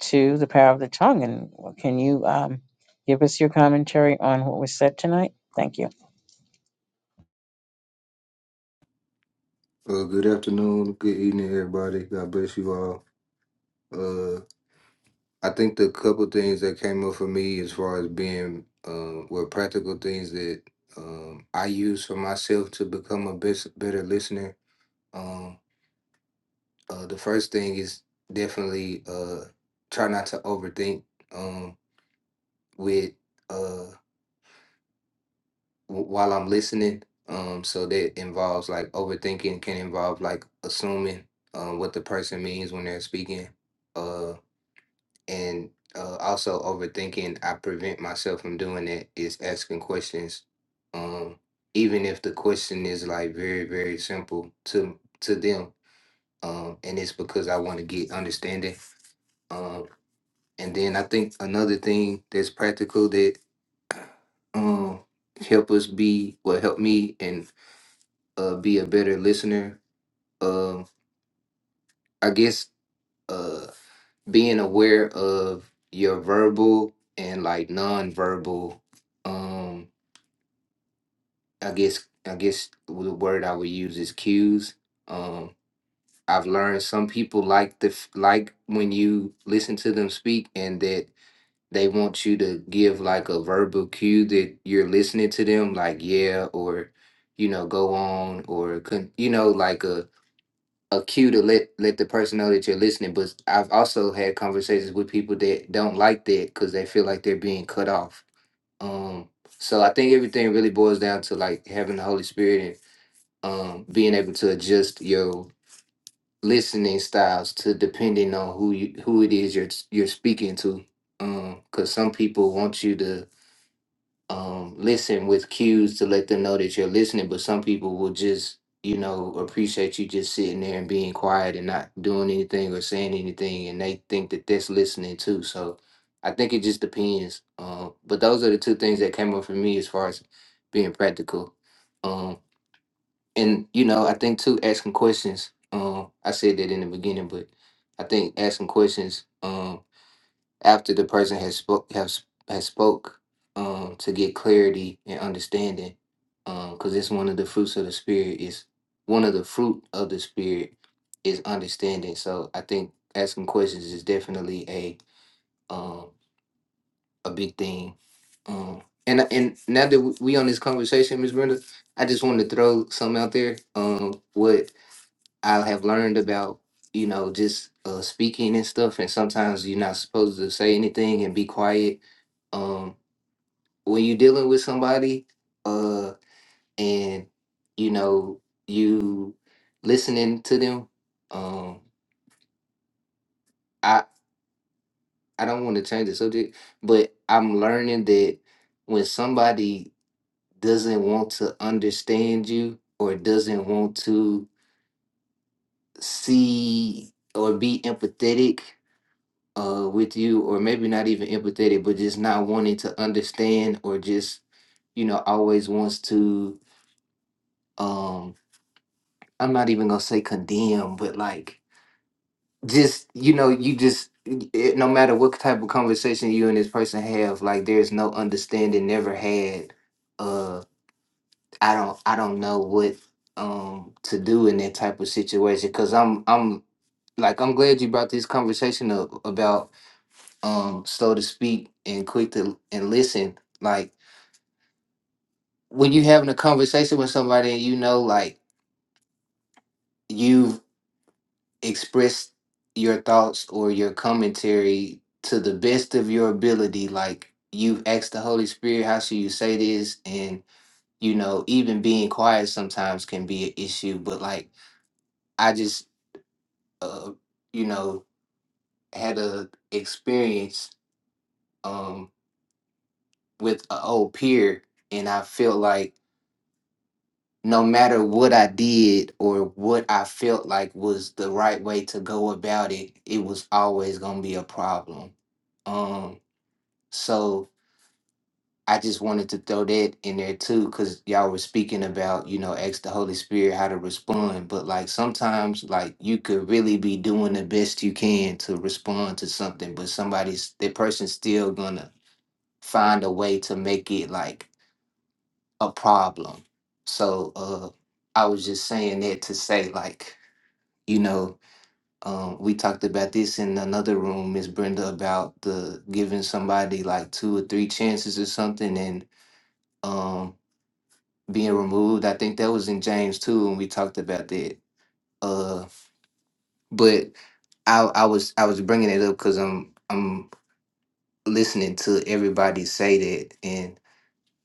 to the Power of the Tongue. And can you um, give us your commentary on what was said tonight? Thank you. Uh, good afternoon, good evening, everybody. God bless you all. Uh, I think the couple things that came up for me as far as being uh, were practical things that um, I use for myself to become a best, better listener. Um, uh, the first thing is definitely uh, try not to overthink um, with uh, w- while I'm listening. Um, so that involves like overthinking can involve like assuming um, what the person means when they're speaking Uh, and uh, also overthinking i prevent myself from doing that is asking questions um even if the question is like very very simple to to them um and it's because i want to get understanding um and then i think another thing that's practical that um help us be well help me and uh be a better listener um i guess uh, being aware of your verbal and like nonverbal um i guess i guess the word i would use is cues um i've learned some people like the f- like when you listen to them speak and that they want you to give like a verbal cue that you're listening to them like yeah or you know go on or con- you know like a cue to let let the person know that you're listening. But I've also had conversations with people that don't like that because they feel like they're being cut off. Um, so I think everything really boils down to like having the Holy Spirit and um, being able to adjust your listening styles to depending on who you who it is you're you're speaking to. Um, because some people want you to um, listen with cues to let them know that you're listening. But some people will just, you know, appreciate you just sitting there and being quiet and not doing anything or saying anything, and they think that that's listening too. So I think it just depends. Um, but those are the two things that came up for me as far as being practical. Um, and you know, I think too asking questions. Um, I said that in the beginning, but I think asking questions. Um, after the person has spoke has has spoke um to get clarity and understanding um because it's one of the fruits of the spirit is one of the fruit of the spirit is understanding so i think asking questions is definitely a um a big thing um and and now that we we on this conversation Miss brenda i just wanted to throw something out there um what i have learned about you know just uh speaking and stuff and sometimes you're not supposed to say anything and be quiet um when you're dealing with somebody uh and you know you listening to them um i i don't want to change the subject but i'm learning that when somebody doesn't want to understand you or doesn't want to see or be empathetic uh with you or maybe not even empathetic but just not wanting to understand or just you know always wants to um I'm not even gonna say condemn, but like just you know, you just it, no matter what type of conversation you and this person have, like there's no understanding never had. Uh, I don't I don't know what um to do in that type of situation because I'm I'm like I'm glad you brought this conversation up about um slow to speak and quick to and listen. Like when you having a conversation with somebody and you know like you. express your thoughts or your commentary to the best of your ability. Like you've asked the Holy Spirit, how should you say this? And, you know, even being quiet sometimes can be an issue. But like I just, uh, you know, had a experience um, with an old peer and I felt like no matter what I did or what I felt like was the right way to go about it, it was always going to be a problem. Um, So I just wanted to throw that in there too, because y'all were speaking about, you know, ask the Holy Spirit how to respond. But like sometimes, like you could really be doing the best you can to respond to something, but somebody's, that person's still gonna find a way to make it like a problem. So uh I was just saying that to say, like, you know, um, we talked about this in another room, Miss Brenda, about the giving somebody like two or three chances or something. And um being removed. I think that was in James too, and we talked about that. Uh, but I I was I was bringing it up because I'm I'm listening to everybody say that, and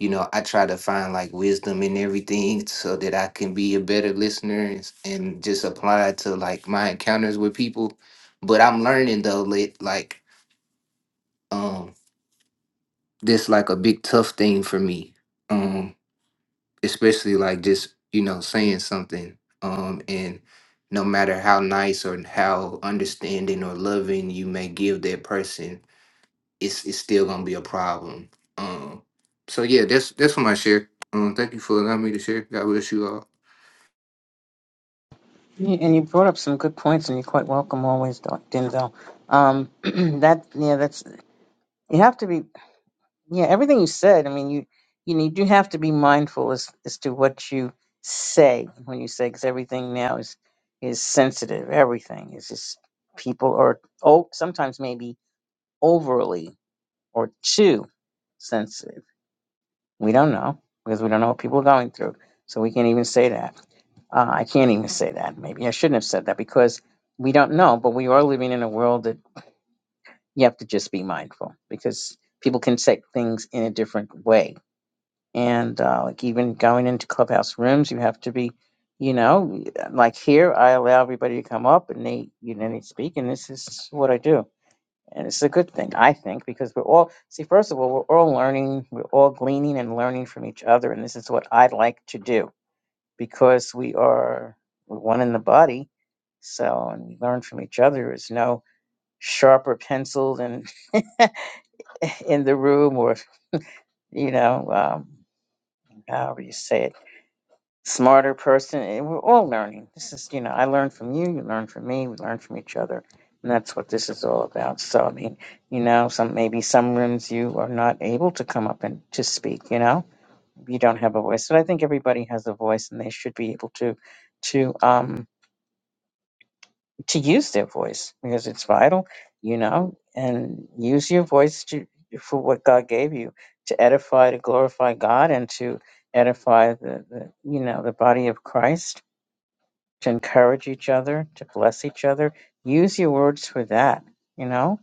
you know I try to find like wisdom in everything so that I can be a better listener and, and just apply it to like my encounters with people. But I'm learning though, lit like um this like a big tough thing for me. Um, especially like just you know saying something um and no matter how nice or how understanding or loving you may give that person it's it's still gonna be a problem um so yeah that's that's what I share um thank you for allowing me to share god bless you all Yeah, And you brought up some good points, and you're quite welcome always, Doc Denzel. Um, that yeah, that's you have to be yeah. Everything you said, I mean, you you know, you do have to be mindful as as to what you say when you say because everything now is is sensitive. Everything is just people are oh sometimes maybe overly or too sensitive. We don't know because we don't know what people are going through, so we can't even say that. Uh, I can't even say that. Maybe I shouldn't have said that because we don't know, but we are living in a world that you have to just be mindful because people can take things in a different way. And uh, like even going into clubhouse rooms, you have to be, you know, like here, I allow everybody to come up and they, you know, they speak, and this is what I do. And it's a good thing, I think, because we're all, see, first of all, we're all learning, we're all gleaning and learning from each other. And this is what I like to do because we are we're one in the body. So, and we learn from each other. There's no sharper pencil than in the room, or you know, um, however you say it, smarter person. And we're all learning. This is, you know, I learn from you, you learn from me, we learn from each other, and that's what this is all about. So, I mean, you know, some maybe some rooms you are not able to come up and to speak. You know, you don't have a voice, but I think everybody has a voice, and they should be able to to um to use their voice because it's vital, you know, and use your voice to, for what God gave you to edify, to glorify God, and to edify the, the, you know, the body of Christ, to encourage each other, to bless each other. Use your words for that, you know,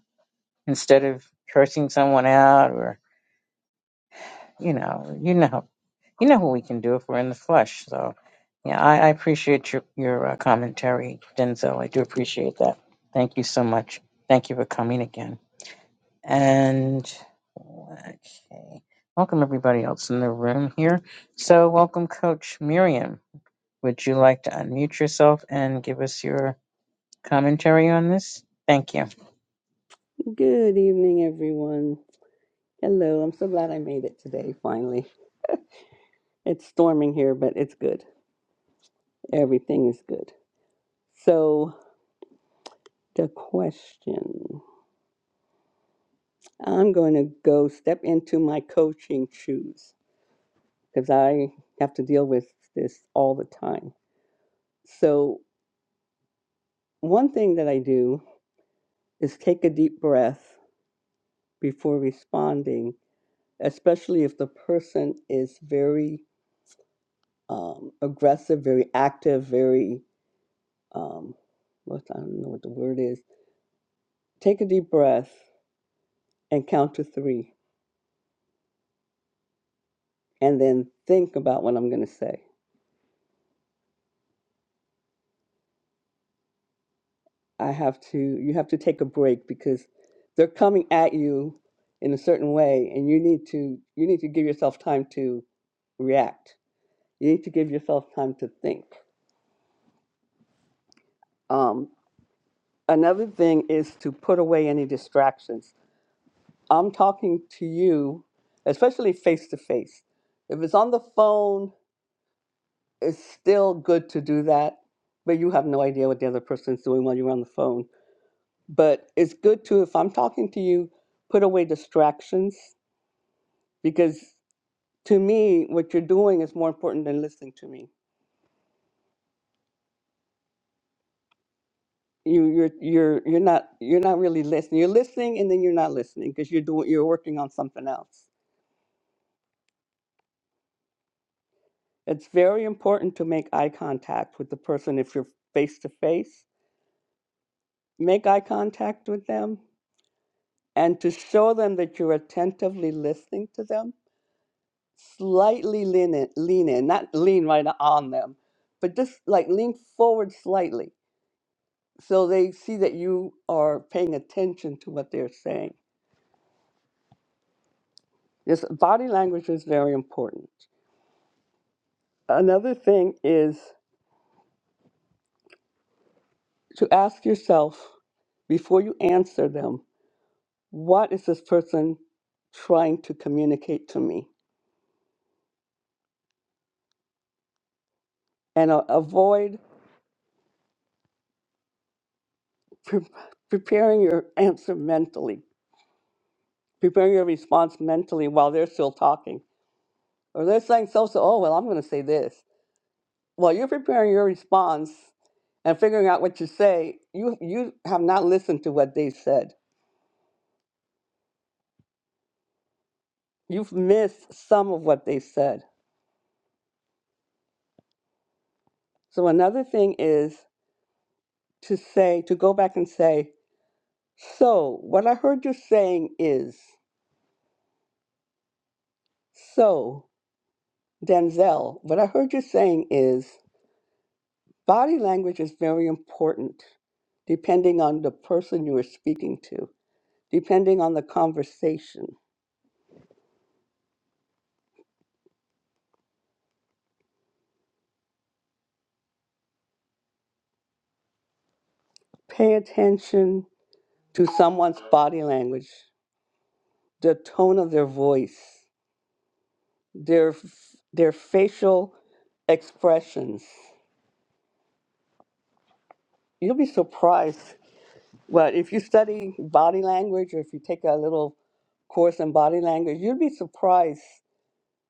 instead of cursing someone out or, you know, you know. You know who we can do if we're in the flesh. So, yeah, I, I appreciate your your uh, commentary, Denzel. I do appreciate that. Thank you so much. Thank you for coming again. And okay, welcome everybody else in the room here. So, welcome, Coach Miriam. Would you like to unmute yourself and give us your commentary on this? Thank you. Good evening, everyone. Hello. I'm so glad I made it today, finally. It's storming here, but it's good. Everything is good. So, the question I'm going to go step into my coaching shoes because I have to deal with this all the time. So, one thing that I do is take a deep breath before responding, especially if the person is very um, aggressive, very active, very um, what I don't know what the word is. Take a deep breath and count to three, and then think about what I'm going to say. I have to. You have to take a break because they're coming at you in a certain way, and you need to. You need to give yourself time to react. You need to give yourself time to think. Um, another thing is to put away any distractions. I'm talking to you, especially face to face. If it's on the phone, it's still good to do that, but you have no idea what the other person's doing while you're on the phone. But it's good to, if I'm talking to you, put away distractions because to me, what you're doing is more important than listening to me. You, you're you're you're not you're not really listening. You're listening and then you're not listening because you're doing you're working on something else. It's very important to make eye contact with the person if you're face to face. Make eye contact with them and to show them that you're attentively listening to them slightly lean in, lean in, not lean right on them, but just like lean forward slightly so they see that you are paying attention to what they're saying. Yes, body language is very important. Another thing is to ask yourself before you answer them, what is this person trying to communicate to me? And uh, avoid pre- preparing your answer mentally, preparing your response mentally while they're still talking Or they're saying so so, oh, well, I'm going to say this. While you're preparing your response and figuring out what you say, you, you have not listened to what they said. You've missed some of what they said. So another thing is to say, to go back and say, so what I heard you saying is, so Denzel, what I heard you saying is, body language is very important depending on the person you are speaking to, depending on the conversation. Pay attention to someone's body language, the tone of their voice, their f- their facial expressions. You'll be surprised. Well, if you study body language or if you take a little course in body language, you'd be surprised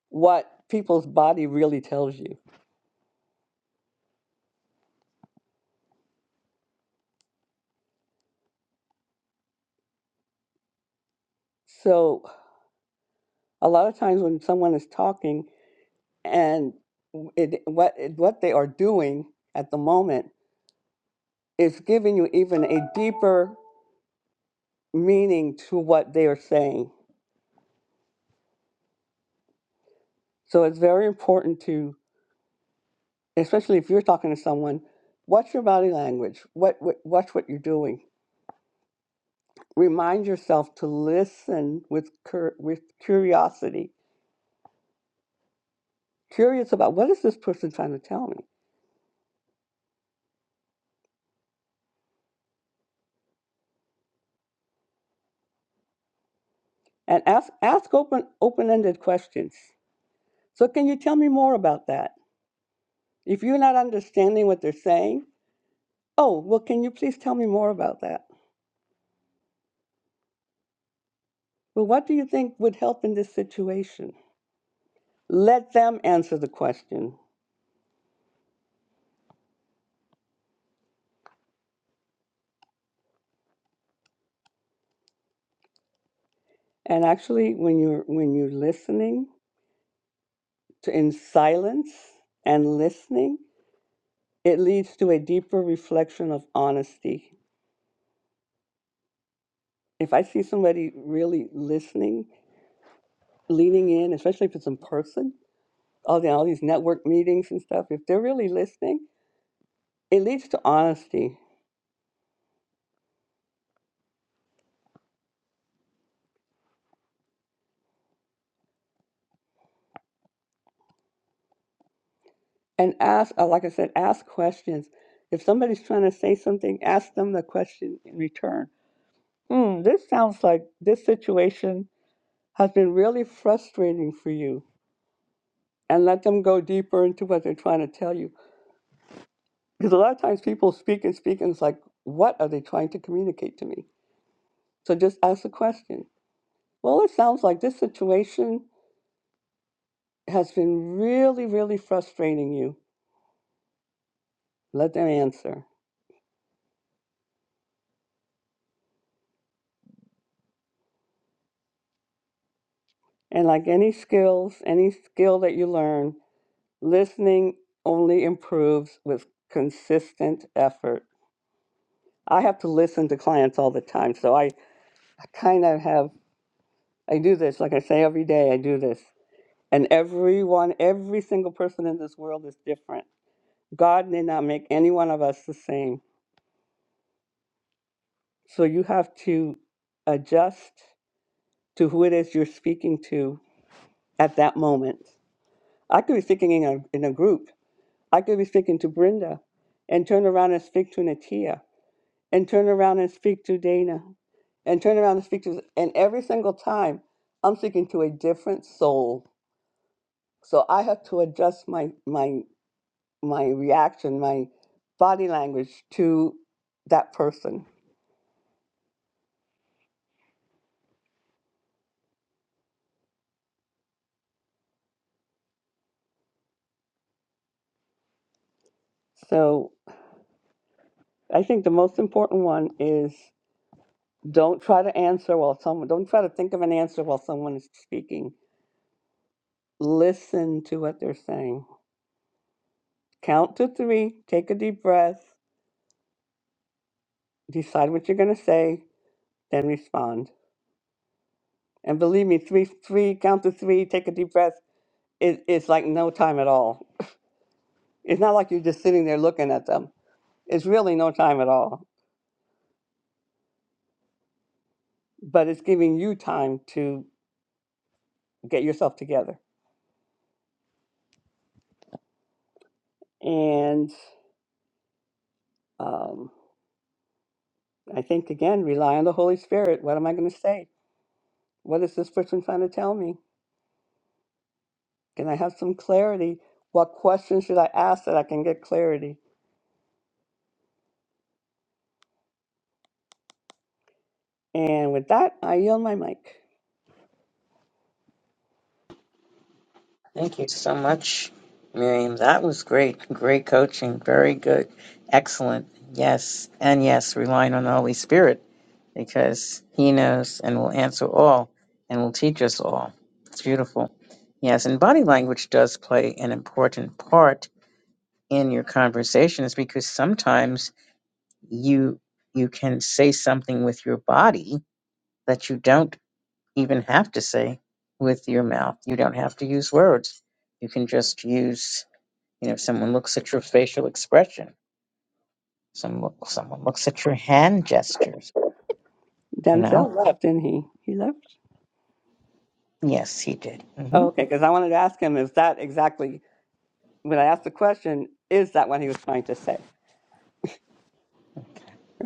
what people's body really tells you. So, a lot of times when someone is talking and it, what what they are doing at the moment is giving you even a deeper meaning to what they are saying. So it's very important to, especially if you're talking to someone, watch your body language. What, what watch what you're doing. Remind yourself to listen with cur- with curiosity, curious about what is this person trying to tell me, and ask ask open open ended questions. So can you tell me more about that? If you're not understanding what they're saying, oh well, can you please tell me more about that? Well, what do you think would help in this situation? let them answer the question and actually when you're when you're listening to in silence and listening it leads to a deeper reflection of honesty if i see somebody really listening leaning in especially if it's in person all the all these network meetings and stuff if they're really listening it leads to honesty and ask uh, like i said ask questions if somebody's trying to say something ask them the question in return hmm this sounds like this situation has been really frustrating for you and let them go deeper into what they're trying to tell you. Because a lot of times people speak and speak and it's like, what are they trying to communicate to me? So just ask the question. Well, it sounds like this situation has been really, really frustrating you. Let them answer. And like any skills, any skill that you learn, listening only improves with consistent effort. I have to listen to clients all the time, so I kind of have I do this, like I say every day, I do this. And everyone, every single person in this world is different. God did not make any one of us the same. So you have to adjust to who it is you're speaking to at that moment. I could be speaking in a, in a group, I could be speaking to Brenda and turn around and speak to Natia and turn around and speak to Dana and turn around and speak to, and every single time I'm speaking to a different soul. So I have to adjust my, my my reaction, my body language to that person. So I think the most important one is don't try to answer while someone don't try to think of an answer while someone is speaking. Listen to what they're saying. Count to three, take a deep breath, decide what you're gonna say, then respond. And believe me, three three, count to three, take a deep breath. It, it's like no time at all. It's not like you're just sitting there looking at them. It's really no time at all but it's giving you time to get yourself together. And um, I think, again, rely on the Holy Spirit. What am I going to say? What is this person trying to tell me? Can I have some clarity? What questions should I ask that I can get clarity? And with that, I yield my mic. Thank you so much, Miriam. That was great. Great coaching. Very good. Excellent. Yes. And yes, relying on the Holy Spirit because He knows and will answer all and will teach us all. It's beautiful. Yes. And body language does play an important part in your conversations because sometimes you you can say something with your body that you don't even have to say with your mouth. You don't have to use words. You can just use you know, someone looks at your facial expression, some look, someone looks at your hand gestures. You know. Denzel left, didn't he? He left? Yes, he did. Oh, hmm okay, because I wanted to ask him, is that exactly, when I asked the question, is that what he was trying to say?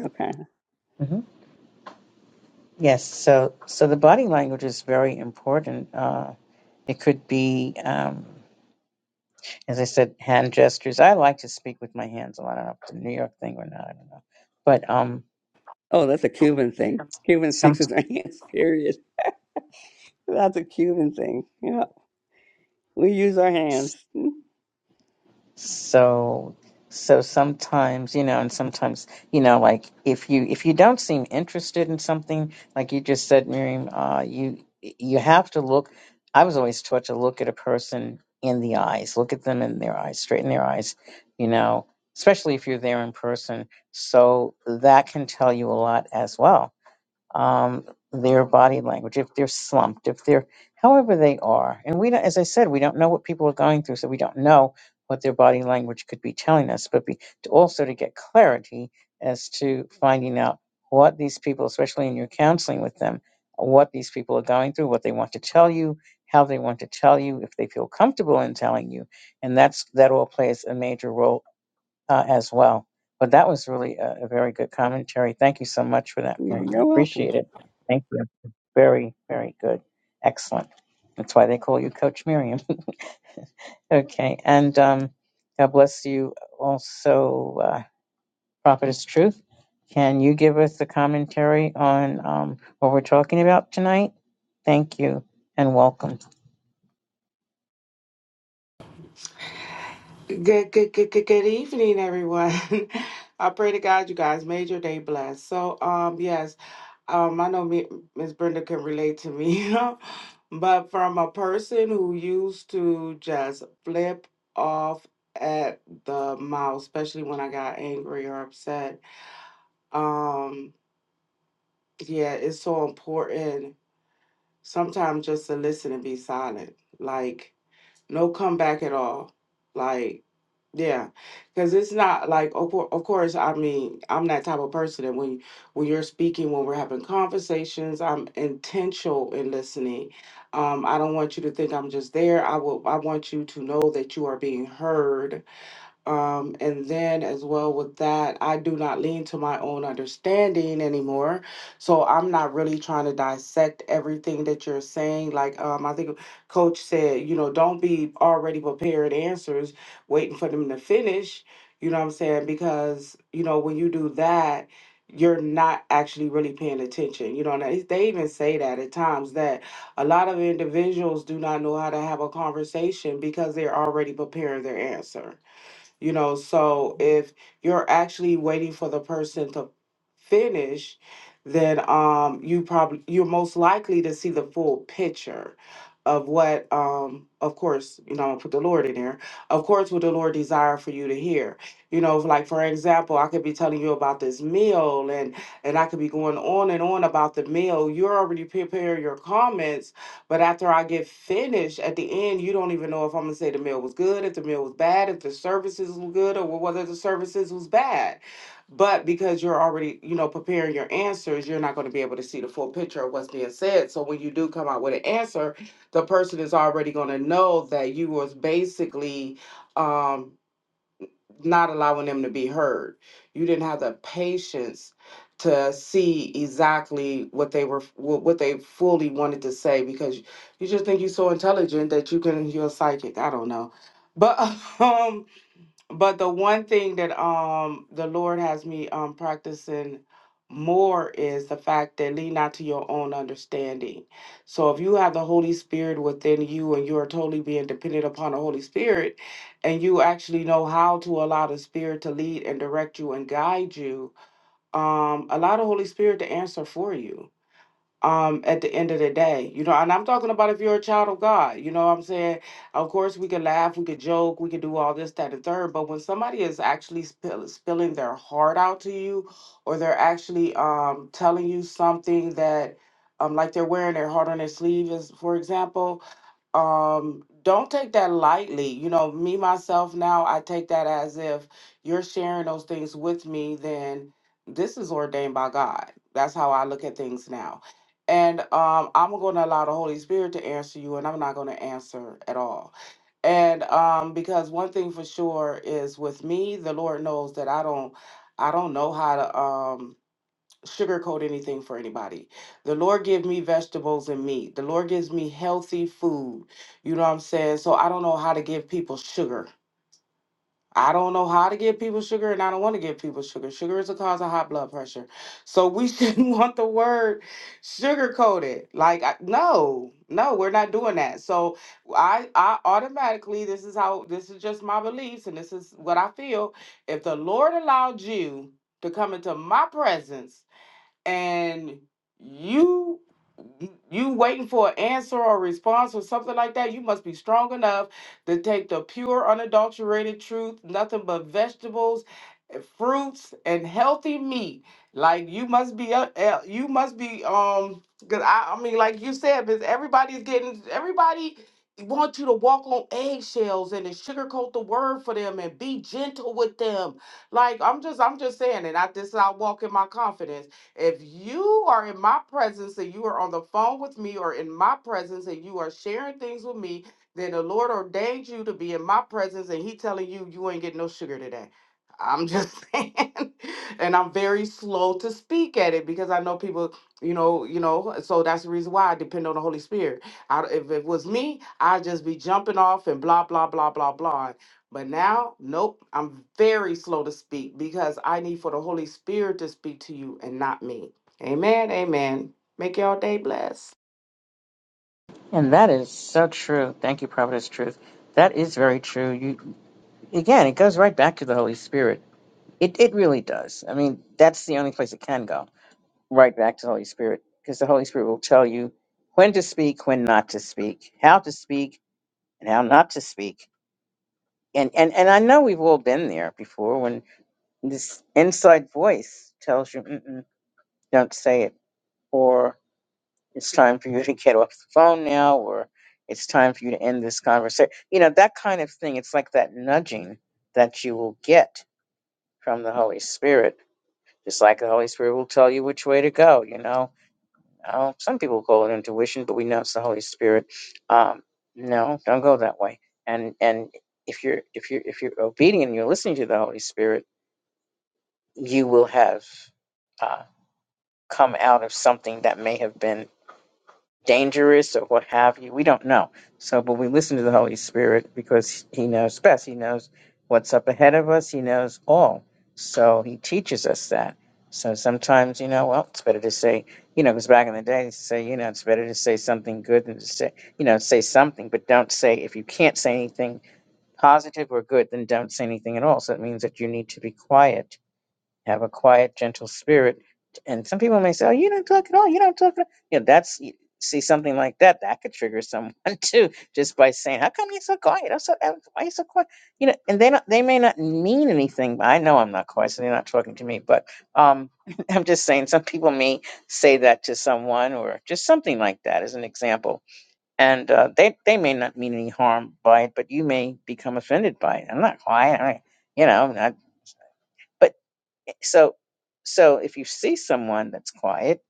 Okay. hmm Yes. So, so the body language is very important. Uh, it could be, um, as I said, hand gestures. I like to speak with my hands a lot. I don't know if it's a New York thing or not. I don't know. But um, Oh, that's a Cuban thing. Cuban speaks some. with their hands, period. That's a Cuban thing. Yeah. We use our hands. so so sometimes you know and sometimes you know like if you if you don't seem interested in something like you just said miriam uh you you have to look i was always taught to look at a person in the eyes look at them in their eyes straight in their eyes you know especially if you're there in person so that can tell you a lot as well um, their body language, if they're slumped, if they're however they are. And we, don't, as I said, we don't know what people are going through, so we don't know what their body language could be telling us. But be, to also to get clarity as to finding out what these people, especially in your counseling with them, what these people are going through, what they want to tell you, how they want to tell you, if they feel comfortable in telling you, and that's that all plays a major role uh, as well. But that was really a, a very good commentary. Thank you so much for that, Miriam. I You're welcome. appreciate it. Thank you. Very, very good. Excellent. That's why they call you Coach Miriam. okay. And um, God bless you also, uh, Prophetess Truth. Can you give us the commentary on um, what we're talking about tonight? Thank you and welcome. Good, good, good, good, good evening, everyone. I pray to God you guys made your day blessed. So, um, yes, um, I know me, Miss Brenda can relate to me, you know, but from a person who used to just flip off at the mouth, especially when I got angry or upset, um, yeah, it's so important sometimes just to listen and be silent. Like, no comeback at all. like. Yeah, because it's not like of cour- of course, I mean, I'm that type of person that when when you're speaking, when we're having conversations, I'm intentional in listening. Um, I don't want you to think I'm just there. I will I want you to know that you are being heard um, and then, as well with that, I do not lean to my own understanding anymore. So I'm not really trying to dissect everything that you're saying. Like um, I think Coach said, you know, don't be already prepared answers, waiting for them to finish. You know what I'm saying? Because you know when you do that, you're not actually really paying attention. You know, and they they even say that at times that a lot of individuals do not know how to have a conversation because they're already preparing their answer you know, so if you're actually waiting for the person to finish, then um you probably you're most likely to see the full picture of what um of course, you know, I'm gonna put the Lord in there. Of course what the Lord desire for you to hear. You know, like for example, I could be telling you about this meal and and I could be going on and on about the meal. You're already preparing your comments but after I get finished, at the end, you don't even know if I'm gonna say the meal was good, if the meal was bad, if the services were good, or whether the services was bad. But because you're already, you know, preparing your answers, you're not going to be able to see the full picture of what's being said. So when you do come out with an answer, the person is already going to know that you was basically, um, not allowing them to be heard. You didn't have the patience to see exactly what they were wh- what they fully wanted to say because you just think you're so intelligent that you can you're a psychic. I don't know, but um but the one thing that um the Lord has me um practicing more is the fact that lean not to your own understanding. So if you have the Holy Spirit within you and you are totally being dependent upon the Holy Spirit and you actually know how to allow the Spirit to lead and direct you and guide you, um allow the Holy Spirit to answer for you um at the end of the day you know and i'm talking about if you're a child of god you know what i'm saying of course we can laugh we can joke we can do all this that and third but when somebody is actually spill, spilling their heart out to you or they're actually um telling you something that um like they're wearing their heart on their sleeve is for example um don't take that lightly you know me myself now i take that as if you're sharing those things with me then this is ordained by god that's how i look at things now and um i'm going to allow the holy spirit to answer you and i'm not going to answer at all and um because one thing for sure is with me the lord knows that i don't i don't know how to um sugarcoat anything for anybody. The Lord give me vegetables and meat. The Lord gives me healthy food. You know what I'm saying? So I don't know how to give people sugar. I don't know how to give people sugar and I don't want to give people sugar. Sugar is a cause of high blood pressure. So we shouldn't want the word sugar coated. Like I- no, no, we're not doing that. So I I automatically this is how this is just my beliefs and this is what I feel. If the Lord allowed you to come into my presence and you you waiting for an answer or a response or something like that, you must be strong enough to take the pure, unadulterated truth, nothing but vegetables, eh, fruits, and healthy meat. Like you must be, a- eh, you must be, um, cause I, I mean, like you said, because everybody's getting, everybody want you to walk on eggshells and to sugarcoat the word for them and be gentle with them. Like I'm just, I'm just saying, and I this is I walk in my confidence. If you are in my presence and you are on the phone with me or in my presence and you are sharing things with me, then the Lord ordained you to be in my presence and he telling you you ain't getting no sugar today. I'm just saying. and I'm very slow to speak at it because I know people, you know, you know, so that's the reason why I depend on the Holy Spirit. I, if it was me, I'd just be jumping off and blah, blah, blah, blah, blah. But now, nope, I'm very slow to speak because I need for the Holy Spirit to speak to you and not me. Amen. Amen. Make y'all day blessed. And that is so true. Thank you, Prophetess Truth. That is very true. You again, it goes right back to the Holy Spirit It it really does. I mean, that's the only place it can go. Right back to the Holy Spirit, because the Holy Spirit will tell you when to speak, when not to speak, how to speak, and how not to speak. And and and I know we've all been there before when this inside voice tells you, Mm-mm, "Don't say it," or "It's time for you to get off the phone now," or "It's time for you to end this conversation." You know that kind of thing. It's like that nudging that you will get from the Holy Spirit Just like the Holy Spirit will tell you which way to go, you know. Uh, some people call it intuition, but we know it's the Holy Spirit. Um, no, don't go that way. And and if you're if you're if you're obedient, and you're listening to the Holy Spirit, you will have uh, come out of something that may have been dangerous or what have you. We don't know. So, but we listen to the Holy Spirit because He knows best. He knows what's up ahead of us. He knows all. So He teaches us that. So sometimes, you know, well, it's better to say, you know, because back in the day, they used to say, you know, it's better to say something good than to say, you know, say something, but don't say, if you can't say anything positive or good, then don't say anything at all. So it means that you need to be quiet have a quiet, gentle spirit. And some people may say, "Oh, you don't talk at all. You don't talk." At all. You know, that's see something like that that could trigger someone too, just by saying, "How come you're so quiet? I'm so, I'm- why you so quiet?" You know, and they don't, they may not mean anything. But I know I'm not quiet, so they're not talking to me. But um, I'm just saying, some people may say that to someone, or just something like that as an example, and uh, they they may not mean any harm by it, but you may become offended by it. I'm not quiet. I, you know, I'm not. So, so if you see someone that's quiet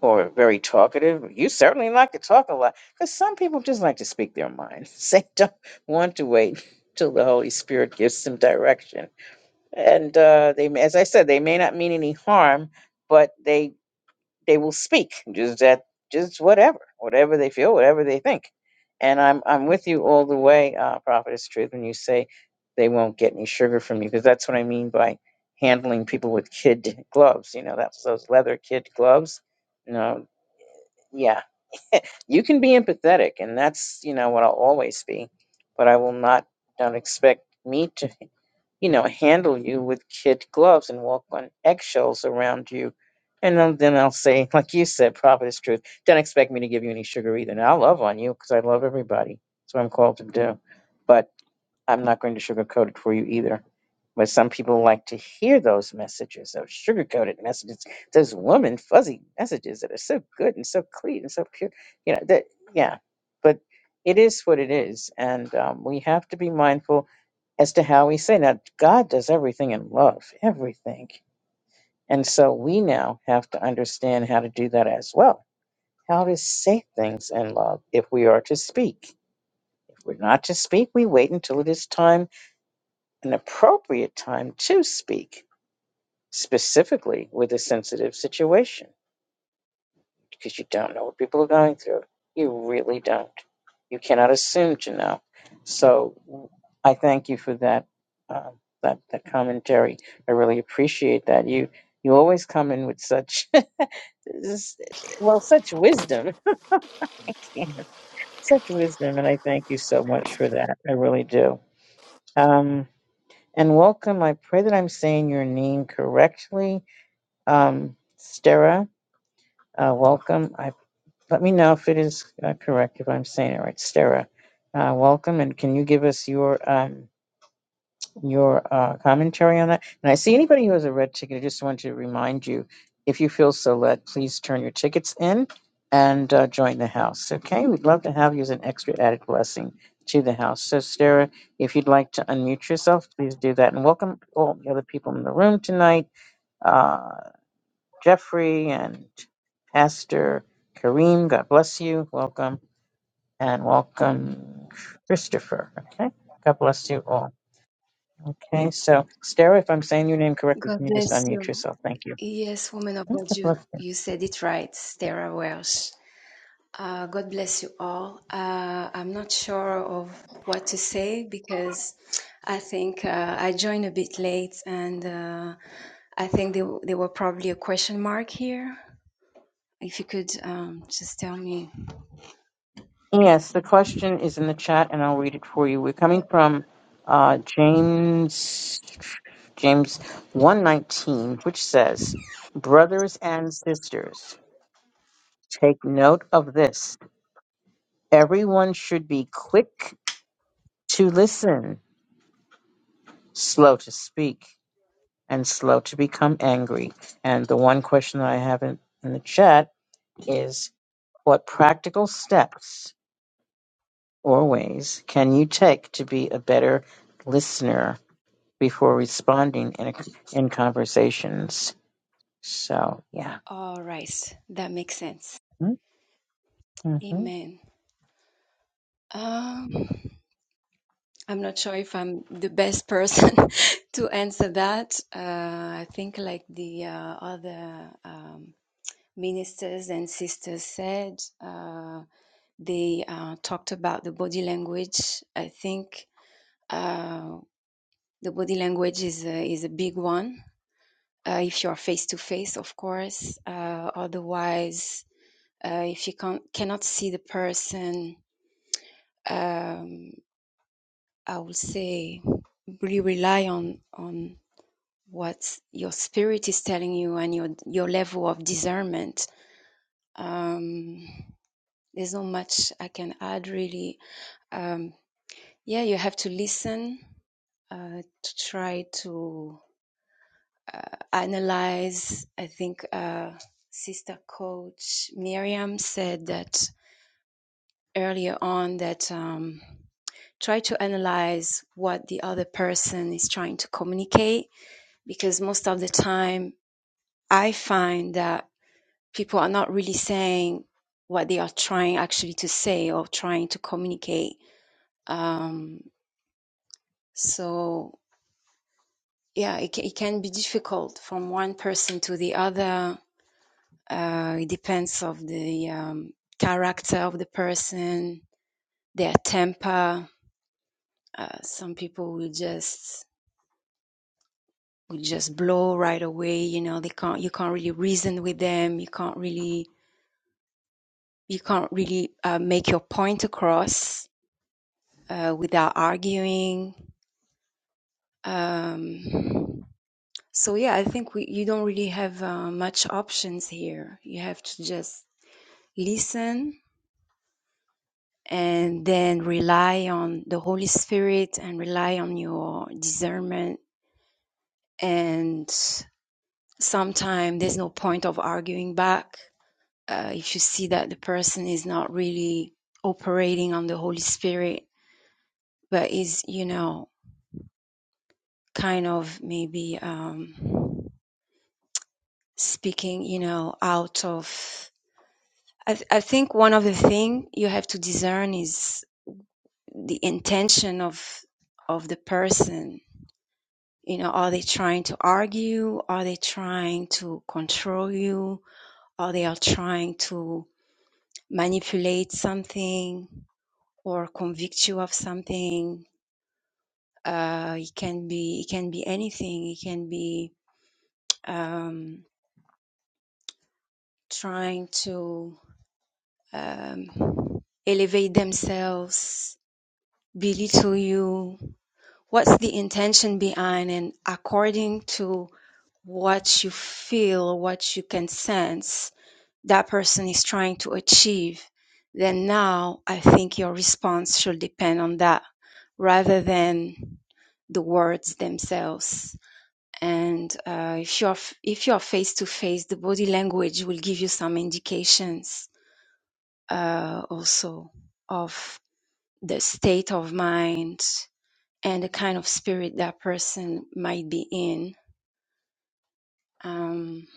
or very talkative, you certainly like to talk a lot because some people just like to speak their minds. They don't want to wait till the Holy Spirit gives them direction, and uh, they, may- as I said, they may not mean any harm, but they they will speak just at just whatever, whatever they feel, whatever they think. And I'm I'm with you all the way, uh, Prophetess Truth, when you say they won't get any sugar from you, because that's what I mean by handling people with kid gloves. You know, that's those leather kid gloves. You know, yeah, you can be empathetic, and that's, you know, what I'll always be. But I will not, don't expect me to, you know, handle you with kid gloves and walk on eggshells around you. And then then I'll say, like you said, prophet is truth. Don't expect me to give you any sugar either. Now, I love on you because I love everybody. That's what I'm called to do. But I'm not going to sugarcoat it for you either. But some people like to hear those messages, those sugarcoated messages, those woman fuzzy messages that are so good and so clean and so pure. You know that, yeah. But it is what it is, and um, we have to be mindful as to how we say. Now, God does everything in love, everything, and so we now have to understand how to do that as well. How to say things in love if we are to speak. If we're not to speak, we wait until it is time an appropriate time to speak specifically with a sensitive situation because you don't know what people are going through. You really don't. You cannot assume to know. So I thank you for that uh, that that commentary. I really appreciate that. You you always come in with such s- well such wisdom, such wisdom, and I thank you so much for that. I really do. Um, and welcome. I pray that I'm saying your name correctly. Um, Stera, uh, welcome. I, let me know if it is uh, correct, if I'm saying it right. Stera, uh, welcome. And can you give us your um, your uh, commentary on that? And I see anybody who has a red ticket, I just want to remind you if you feel so led, please turn your tickets in and uh, join the house. Okay, we'd love to have you as an extra added blessing to the house. So, Stera, if you'd like to unmute yourself, please do that. And welcome all the other people in the room tonight Uh, Jeffrey and Pastor Kareem. God bless you. Welcome and welcome, Christopher. Okay. God bless you all. Okay. So, Sarah, if I'm saying your name correctly, can God you just bless unmute you. yourself? Thank you. Yes, woman of God, Okay, you, bless you. you said it right, Sarah Welsh. Uh, God bless you all. Uh, I'm not sure of what to say because I think uh, I joined a bit late and uh, I think there, there were probably a question mark here. If you could um, just tell me. Yes, the question is in the chat, and I'll read it for you. We're coming from uh, James James one nineteen, which says, "Brothers and sisters, take note of this. Everyone should be quick." to listen, slow to speak, and slow to become angry. And the one question that I have in, in the chat is what practical steps or ways can you take to be a better listener before responding in, a, in conversations? So, yeah. All right, that makes sense. Mm-hmm. Amen. Um. I'm not sure if I'm the best person to answer that. Uh, I think, like the uh, other um, ministers and sisters said, uh, they uh, talked about the body language. I think uh, the body language is a, is a big one. Uh, if you are face to face, of course. Uh, otherwise, uh, if you can't, cannot see the person, um, I would say we rely on on what your spirit is telling you and your your level of discernment. Um, there's not much I can add really. Um, yeah, you have to listen uh, to try to analyze. I think uh, Sister Coach Miriam said that earlier on that um, try to analyze what the other person is trying to communicate because most of the time I find that people are not really saying what they are trying actually to say or trying to communicate. Um, so yeah, it, ca- it can be difficult from one person to the other. Uh, it depends of the um, character of the person, their temper. Uh, some people will just will just blow right away. You know, they can't. You can't really reason with them. You can't really you can't really uh, make your point across uh, without arguing Um, so yeah, I think we you don't really have uh, much options here. You have to just listen and then rely on the Holy Spirit and rely on your discernment. And sometimes there's no point of arguing back uh, if you see that the person is not really operating on the Holy Spirit, but is you know kind of maybe um, speaking you know out of I, th- I think one of the thing you have to discern is the intention of of the person. You know, are they trying to argue? Are they trying to control you? Are they are trying to manipulate something or convict you of something? Uh, it can be it can be anything. It can be um, trying to um, elevate themselves, belittle you, what's the intention behind and according to what you feel what you can sense that person is trying to achieve then now i think your response should depend on that rather than the words themselves and uh, if you're if you're face to face the body language will give you some indications uh, also of the state of mind and the kind of spirit that person might be in. Um,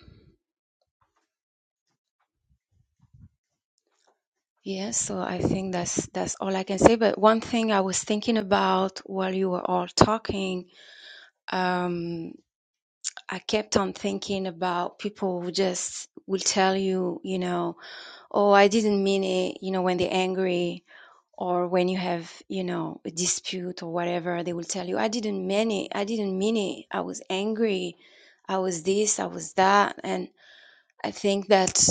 yeah, so I think that's that's all I can say. But one thing I was thinking about while you were all talking, um, I kept on thinking about people who just will tell you, you know, oh, I didn't mean it, you know, when they're angry or when you have, you know, a dispute or whatever, they will tell you, I didn't mean it, I didn't mean it, I was angry, I was this, I was that, and I think that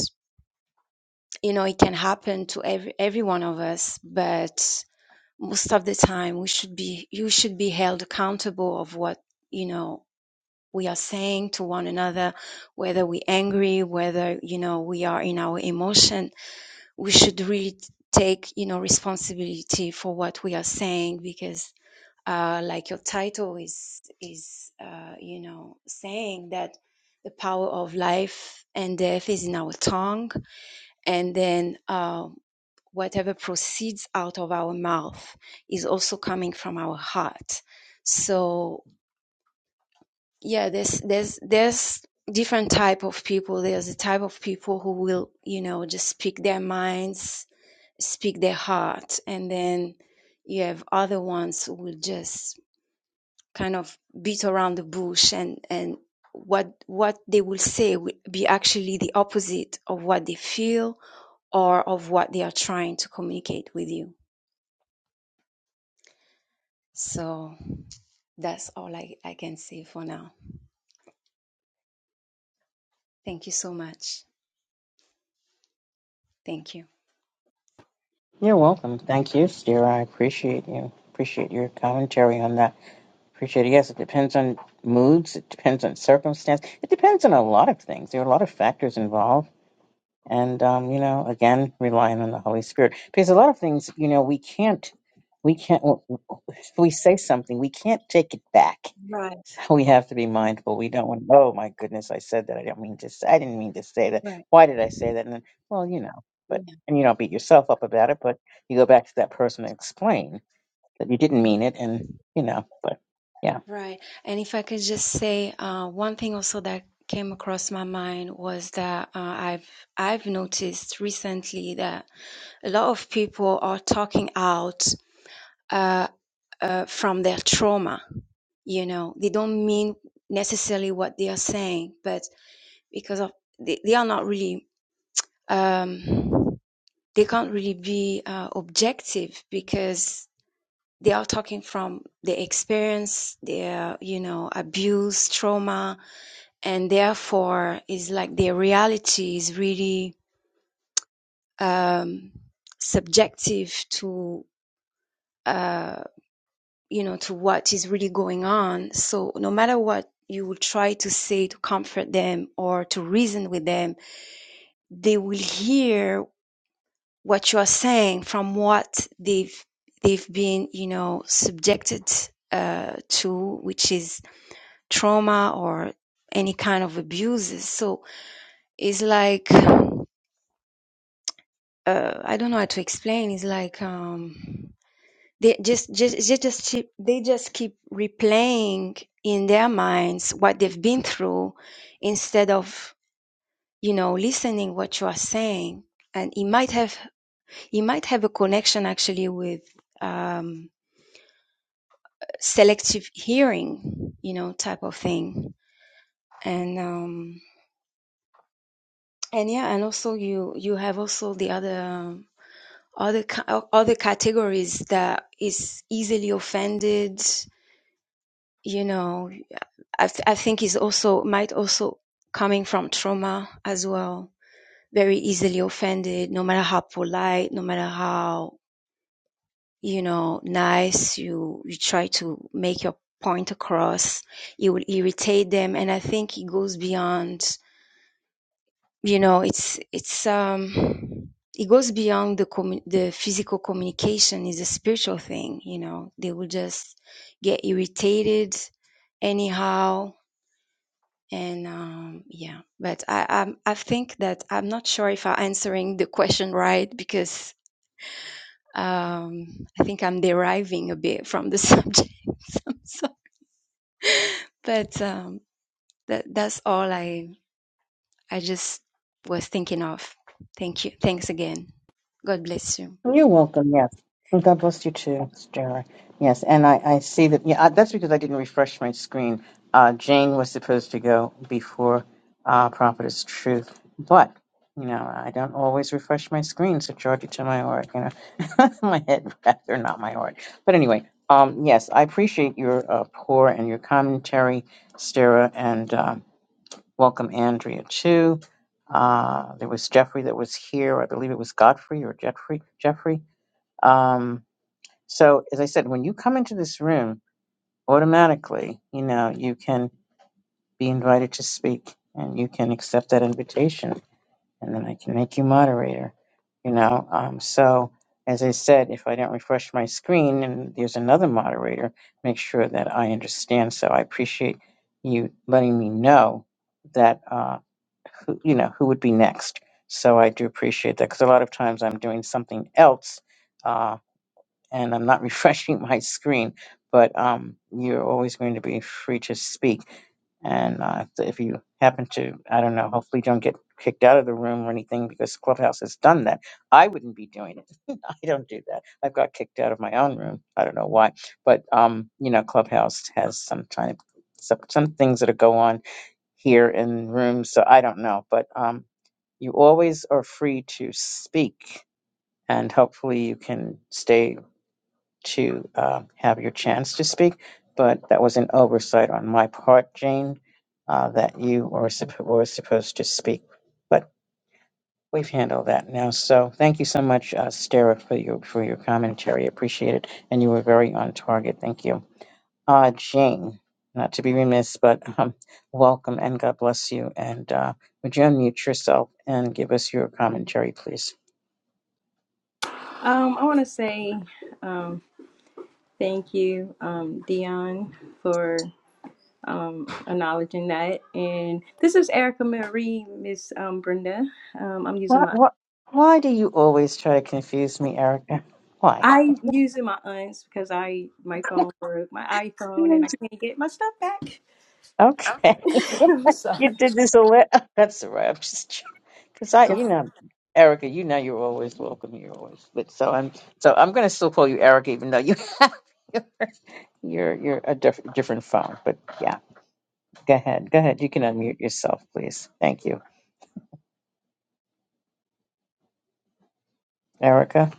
you know it can happen to every every one of us but most of the time we should be you should be held accountable of what you know we are saying to one another whether we're angry whether you know we are in our emotion we should really take you know responsibility for what we are saying because uh, like your title is is uh, you know saying that the power of life and death is in our tongue and then um, whatever proceeds out of our mouth is also coming from our heart so yeah there's there's there's different type of people there's a type of people who will you know just speak their minds speak their heart and then you have other ones who will just kind of beat around the bush and and what what they will say will be actually the opposite of what they feel or of what they are trying to communicate with you. So that's all I, I can say for now. Thank you so much. Thank you. You're welcome. Thank you, Stira. I appreciate you. Appreciate your commentary on that. Appreciate it. Yes, it depends on moods. It depends on circumstance. It depends on a lot of things. There are a lot of factors involved. And, um, you know, again, relying on the Holy Spirit. Because a lot of things, you know, we can't, we can't, if we say something, we can't take it back. Right, So we have to be mindful. We don't want, oh my goodness, I said that. I don't mean to say, I didn't mean to say that. right. Why did I say that? And then, well, you know, Yeah, but, and you don't beat yourself up about it, but you go back to that person and explain that you didn't yeah. mean it. And, you know, but yeah. Right. And if I could just say uh, one thing also that came across my mind was that uh, I've I've noticed recently that a lot of people are talking out uh, uh, from their trauma you know they don't mean necessarily what they are saying but because of they, they are not really um, they can't really be uh, objective because they are talking from the experience, their you know abuse, trauma, and therefore it's like their reality is really um, subjective to uh, you know to what is really going on. So no matter what you will try to say to comfort them or to reason with them, they will hear what you are saying from what they've they've been you know subjected uh, to which is trauma or any kind of abuses so it's like uh, i don't know how to explain it's like um they just just they just keep, they just keep replaying in their minds what they've been through instead of you know listening what you are saying and it might have it might have a connection actually with um, selective hearing, you know, type of thing. And um, and yeah, and also you you have also the other um, other other categories that is easily offended. You know, I th- I think is also might also coming from trauma as well. Very easily offended, no matter how polite, no matter how you know nice you you try to make your point across it will irritate them and i think it goes beyond you know it's it's um it goes beyond the commu- the physical communication is a spiritual thing you know they will just get irritated anyhow and um yeah but i i i think that i'm not sure if i'm answering the question right because um i think i'm deriving a bit from the subject I'm sorry. but um that that's all i i just was thinking of thank you thanks again god bless you You're welcome. Yes. And God bless you too, Sarah. Yes. And I, I see that. Yeah. I- That's because I didn't refresh my screen. Uh, Jane was supposed to go before uh, Prophetess Truth. But, you know, I don't always refresh my screen, so charge it to my heart, you know, my head rather, not my heart. But anyway, um, yes, I appreciate your uh, pour and your commentary, Sarah, and uh, welcome Andrea too. Uh, there was Jeffrey that was here. I believe it was Godfrey or Jeffrey. Jeffrey um, so, as I said, when you come into this room, automatically, you know, you can be invited to speak and you can accept that invitation. And then I can make you moderator, you know. Um, so, as I said, if I don't refresh my screen and there's another moderator, make sure that I understand. So, I appreciate you letting me know that, uh, who, you know, who would be next. So, I do appreciate that because a lot of times I'm doing something else uh, and I'm not refreshing my screen, but um, you're always going to be free to speak. And uh, so if you happen to, I don't know, hopefully don't get kicked out of the room or anything because Clubhouse has done that. I wouldn't be doing it. I don't do that. I've got kicked out of my own room. I don't know why, but um, you know, Clubhouse has some kind of some, some things that go on here in rooms. So I don't know, but um, you always are free to speak and hopefully you can stay to uh, have your chance to speak, but that was an oversight on my part, Jane, uh, that you were, supp- were supposed to speak. But we've handled that now. So thank you so much, uh, Stara, for your for your commentary. Appreciate it, and you were very on target. Thank you, uh, Jane. Not to be remiss, but um, welcome and God bless you. And uh, would you unmute yourself and give us your commentary, please? Um, I want to say um, thank you, um, Dion, for um, acknowledging that. And this is Erica Marie, Miss um, Brenda. Um, I'm using What, my what, why do you always try to confuse me, Erica? Why? I using my aunts because I my phone broke, my iPhone, and I can't get my stuff back. Okay, I'm sorry. you did this a little. That's all right. I'm just because I, you Yes. know, Erica, you know, you're always welcome. You're always, but so I'm, so I'm gonna still call you Erica, even though you have you're you're a diff- different phone. But yeah, go ahead, go ahead. You can unmute yourself, please. Thank you, Erica.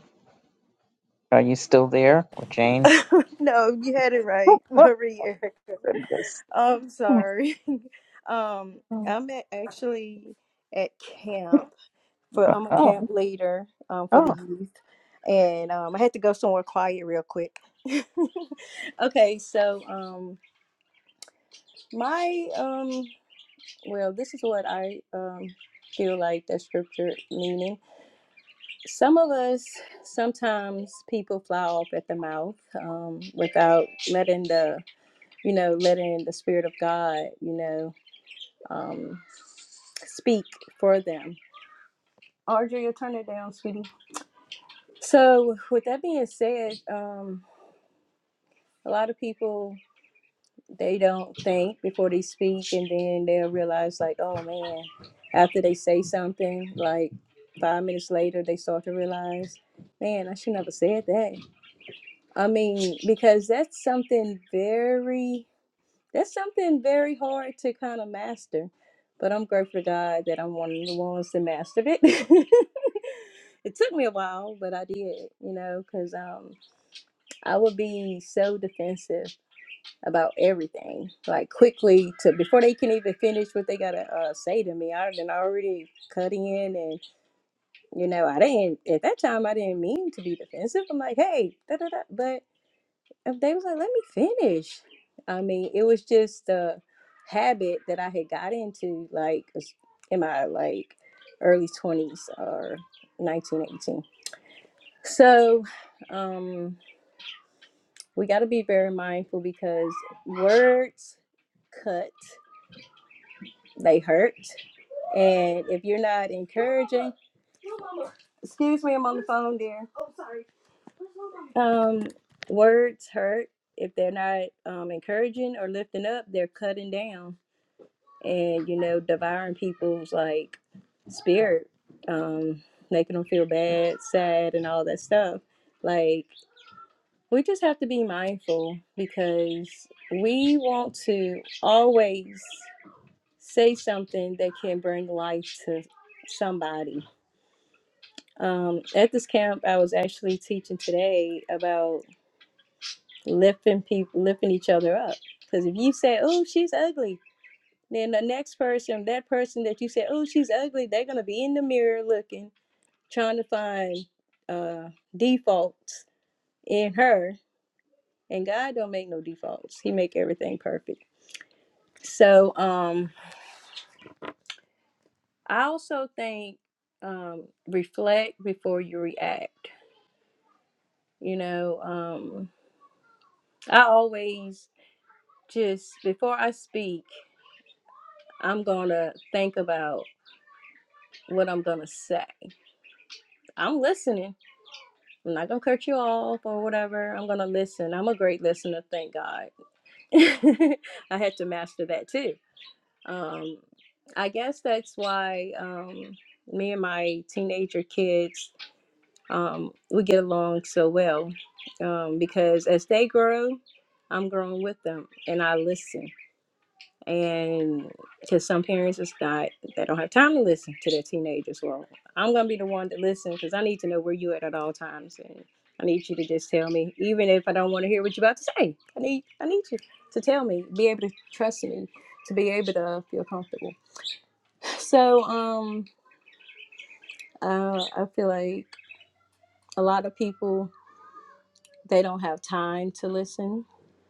Are you still there, or Jane? no, you had it right, Oh Marie Erica. goodness. I'm sorry. Um, I'm at, actually at camp. for I'm a Oh, camp leader um, oh, for the youth, and um, I had to go somewhere quiet real quick. okay, so um, my um, well, this is what I um, feel like that scripture meaning. Some of us sometimes people fly off at the mouth um, without letting the you know letting the spirit of God you know um, speak for them. Audrey, you turn it down, sweetie. So, with that being said, um, a lot of people they don't think before they speak, and then they'll realize, like, oh man, after they say something, like five minutes later, they start to realize, man, I should never said that. I mean, because that's something very, that's something very hard to kind of master. But I'm grateful to God that I'm one of the ones that mastered it. it took me a while, but I did, you know, because um, I would be so defensive about everything. Like quickly to before they can even finish what they gotta uh, say to me, I done already cut in, and you know I didn't at that time I didn't mean to be defensive. I'm like, hey, da da da. But if they was like, let me finish. I mean, it was just a habit that I had got into like in my like early twenties or nineteen eighteen. So, um. we got to be very mindful because words cut, they hurt. And if you're not encouraging, excuse me, I'm on the phone there. Um, words hurt. If they're not um, encouraging or lifting up, they're cutting down and, you know, devouring people's like spirit, um, making them feel bad, sad, and all that stuff. Like, we just have to be mindful because we want to always say something that can bring life to somebody. Um, at this camp, I was actually teaching today about lifting people, lifting each other up. Because if you say, "Oh, she's ugly," then the next person, that person that you say, "Oh, she's ugly," they're gonna be in the mirror looking, trying to find uh, defaults in her. And God don't make no defaults; He make everything perfect. So um, I also think um, reflect before you react You know, um, I always just before I speak, I'm gonna think about what I'm gonna say. I'm listening. I'm not gonna cut you off or whatever. I'm gonna listen. I'm a great listener, thank God. I had to master that too. Um, I guess that's why um, me and my teenager kids um, we get along so well um, because as they grow, I'm growing with them and I listen and to some parents it's not they don't have time to listen to their teenagers well i'm gonna be the one to listen because i need to know where you at at all times and i need you to just tell me even if i don't want to hear what you're about to say i need i need you to tell me be able to trust me to be able to feel comfortable so um uh, i feel like a lot of people they don't have time to listen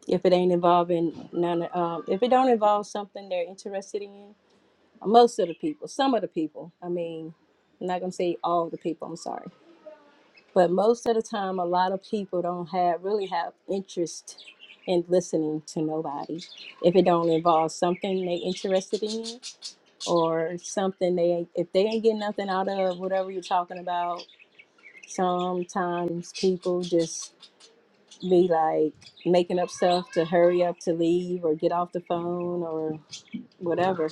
if it ain't involving none um, if it don't involve something they're interested in most of the people, some of the people. I mean, I'm not gonna say all the people. I'm sorry, but most of the time, a lot of people don't have really have interest in listening to nobody if it don't involve something they interested in or something they if they ain't getting nothing out of whatever you're talking about. Sometimes people just be like making up stuff to hurry up to leave or get off the phone or whatever.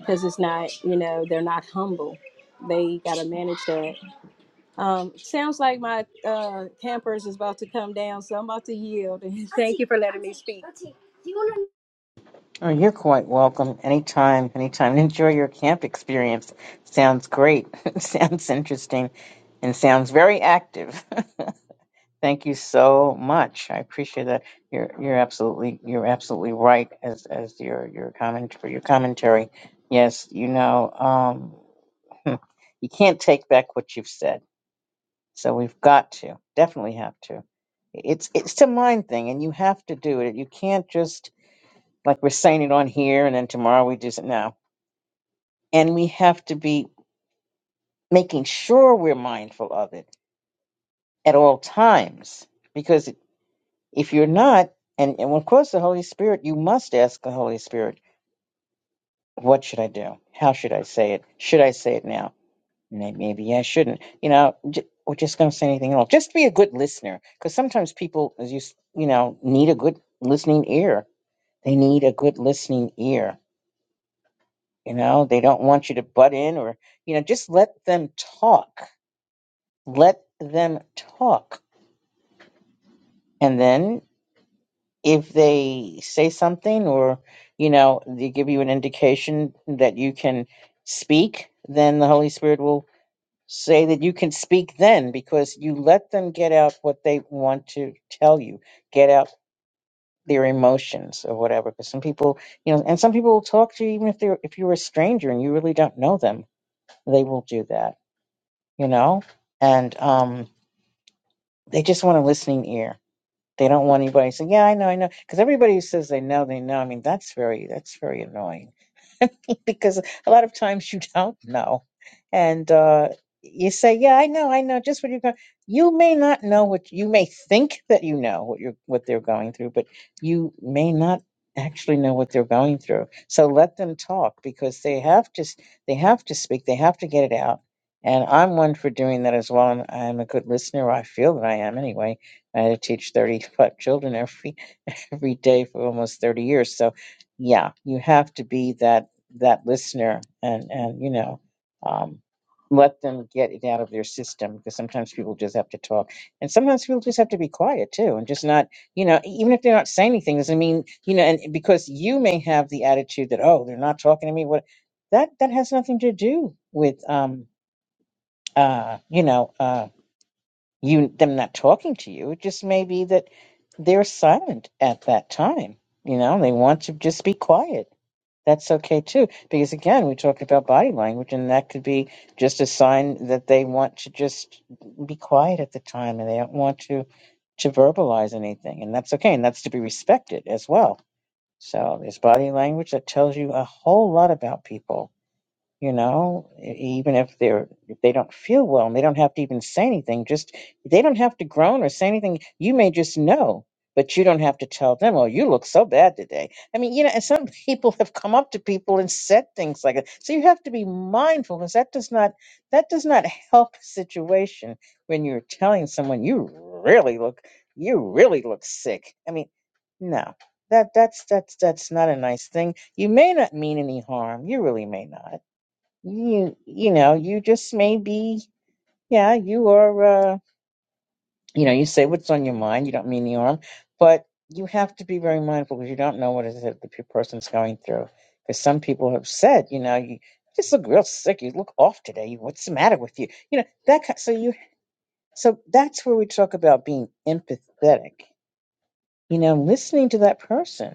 because it's not you know they're not humble they got to manage that um, sounds like my uh, campers is about to come down so i'm about to yield thank you for letting me speak Oh, you're quite welcome. Anytime, anytime. Enjoy your camp experience. Sounds great. sounds interesting and sounds very active. Thank you so much. I appreciate that. You're you're absolutely you're absolutely right as as your your comment for your commentary. Yes, you know, um you can't take back what you've said. So we've got to. Definitely have to. It's it's a mind thing and you have to do it. You can't just like we're saying it on here and then tomorrow we just no and we have to be making sure we're mindful of it at all times because if you're not and, and of course the holy spirit you must ask the holy spirit what should i do how should i say it should i say it now May- maybe i shouldn't you know j- are just gonna say anything at all just be a good listener because sometimes people as you s- you know need a good listening ear they need a good listening ear You know, they don't want you to butt in or, you know, just let them talk. Let them talk. And then if they say something or, you know, they give you an indication that you can speak, then the Holy Spirit will say that you can speak then because you let them get out what they want to tell you, get out their emotions or whatever. Because some people, you know, and some people will talk to you even if they're if you're a stranger and you really don't know them, they will do that you know, and um, they just want a listening ear. They don't want anybody saying, "Yeah, I know, I know," because everybody who says they know, they know. I mean, that's very that's very annoying. because a lot of times you don't know. And uh, you say, Yeah, I know, I know, just what you're going you may not know what you may think that you know what you're what they're going through, but you may not actually know what they're going through. So let them talk because they have to s- they have to speak, they have to get it out. And I'm one for doing that as well. And I'm a good listener. I feel that I am anyway. I had to teach 35 children every every day for almost 30 years so yeah you have to be that that listener and and you know um let them get it out of their system because sometimes people just have to talk and sometimes people just have to be quiet too and just not you know e-, even if they're not saying anything doesn't mean you know and because you may have the attitude that oh they're not talking to me what that that has nothing to do with um uh you know uh you them not talking to you. It just may be that they're silent at that time. You know, they want to just be quiet. That's okay too, because again, we talked about body language, and that could be just a sign that they want to just be quiet at the time, and they don't want to to verbalize anything, and that's okay, and that's to be respected as well. So there's body language that tells you a whole lot about people you know E- even if they're if they don't feel well and they don't have to even say anything just they don't have to groan or say anything you may just know but you don't have to tell them oh you look so bad today i mean you know and some people have come up to people and said things like that so you have to be mindful because that does not that does not help a situation when you're telling someone you really look you really look sick i mean no that that's that's that's not a nice thing you may not mean any harm you really may not you you know you just may be yeah you are uh you know you say what's on your mind you don't mean any harm but you have to be very mindful because you don't know what it is that the person's going through because some people have said you know you just look real sick you look off today what's the matter with you you know that ki- so you so that's where we talk about being empathetic you know listening to that person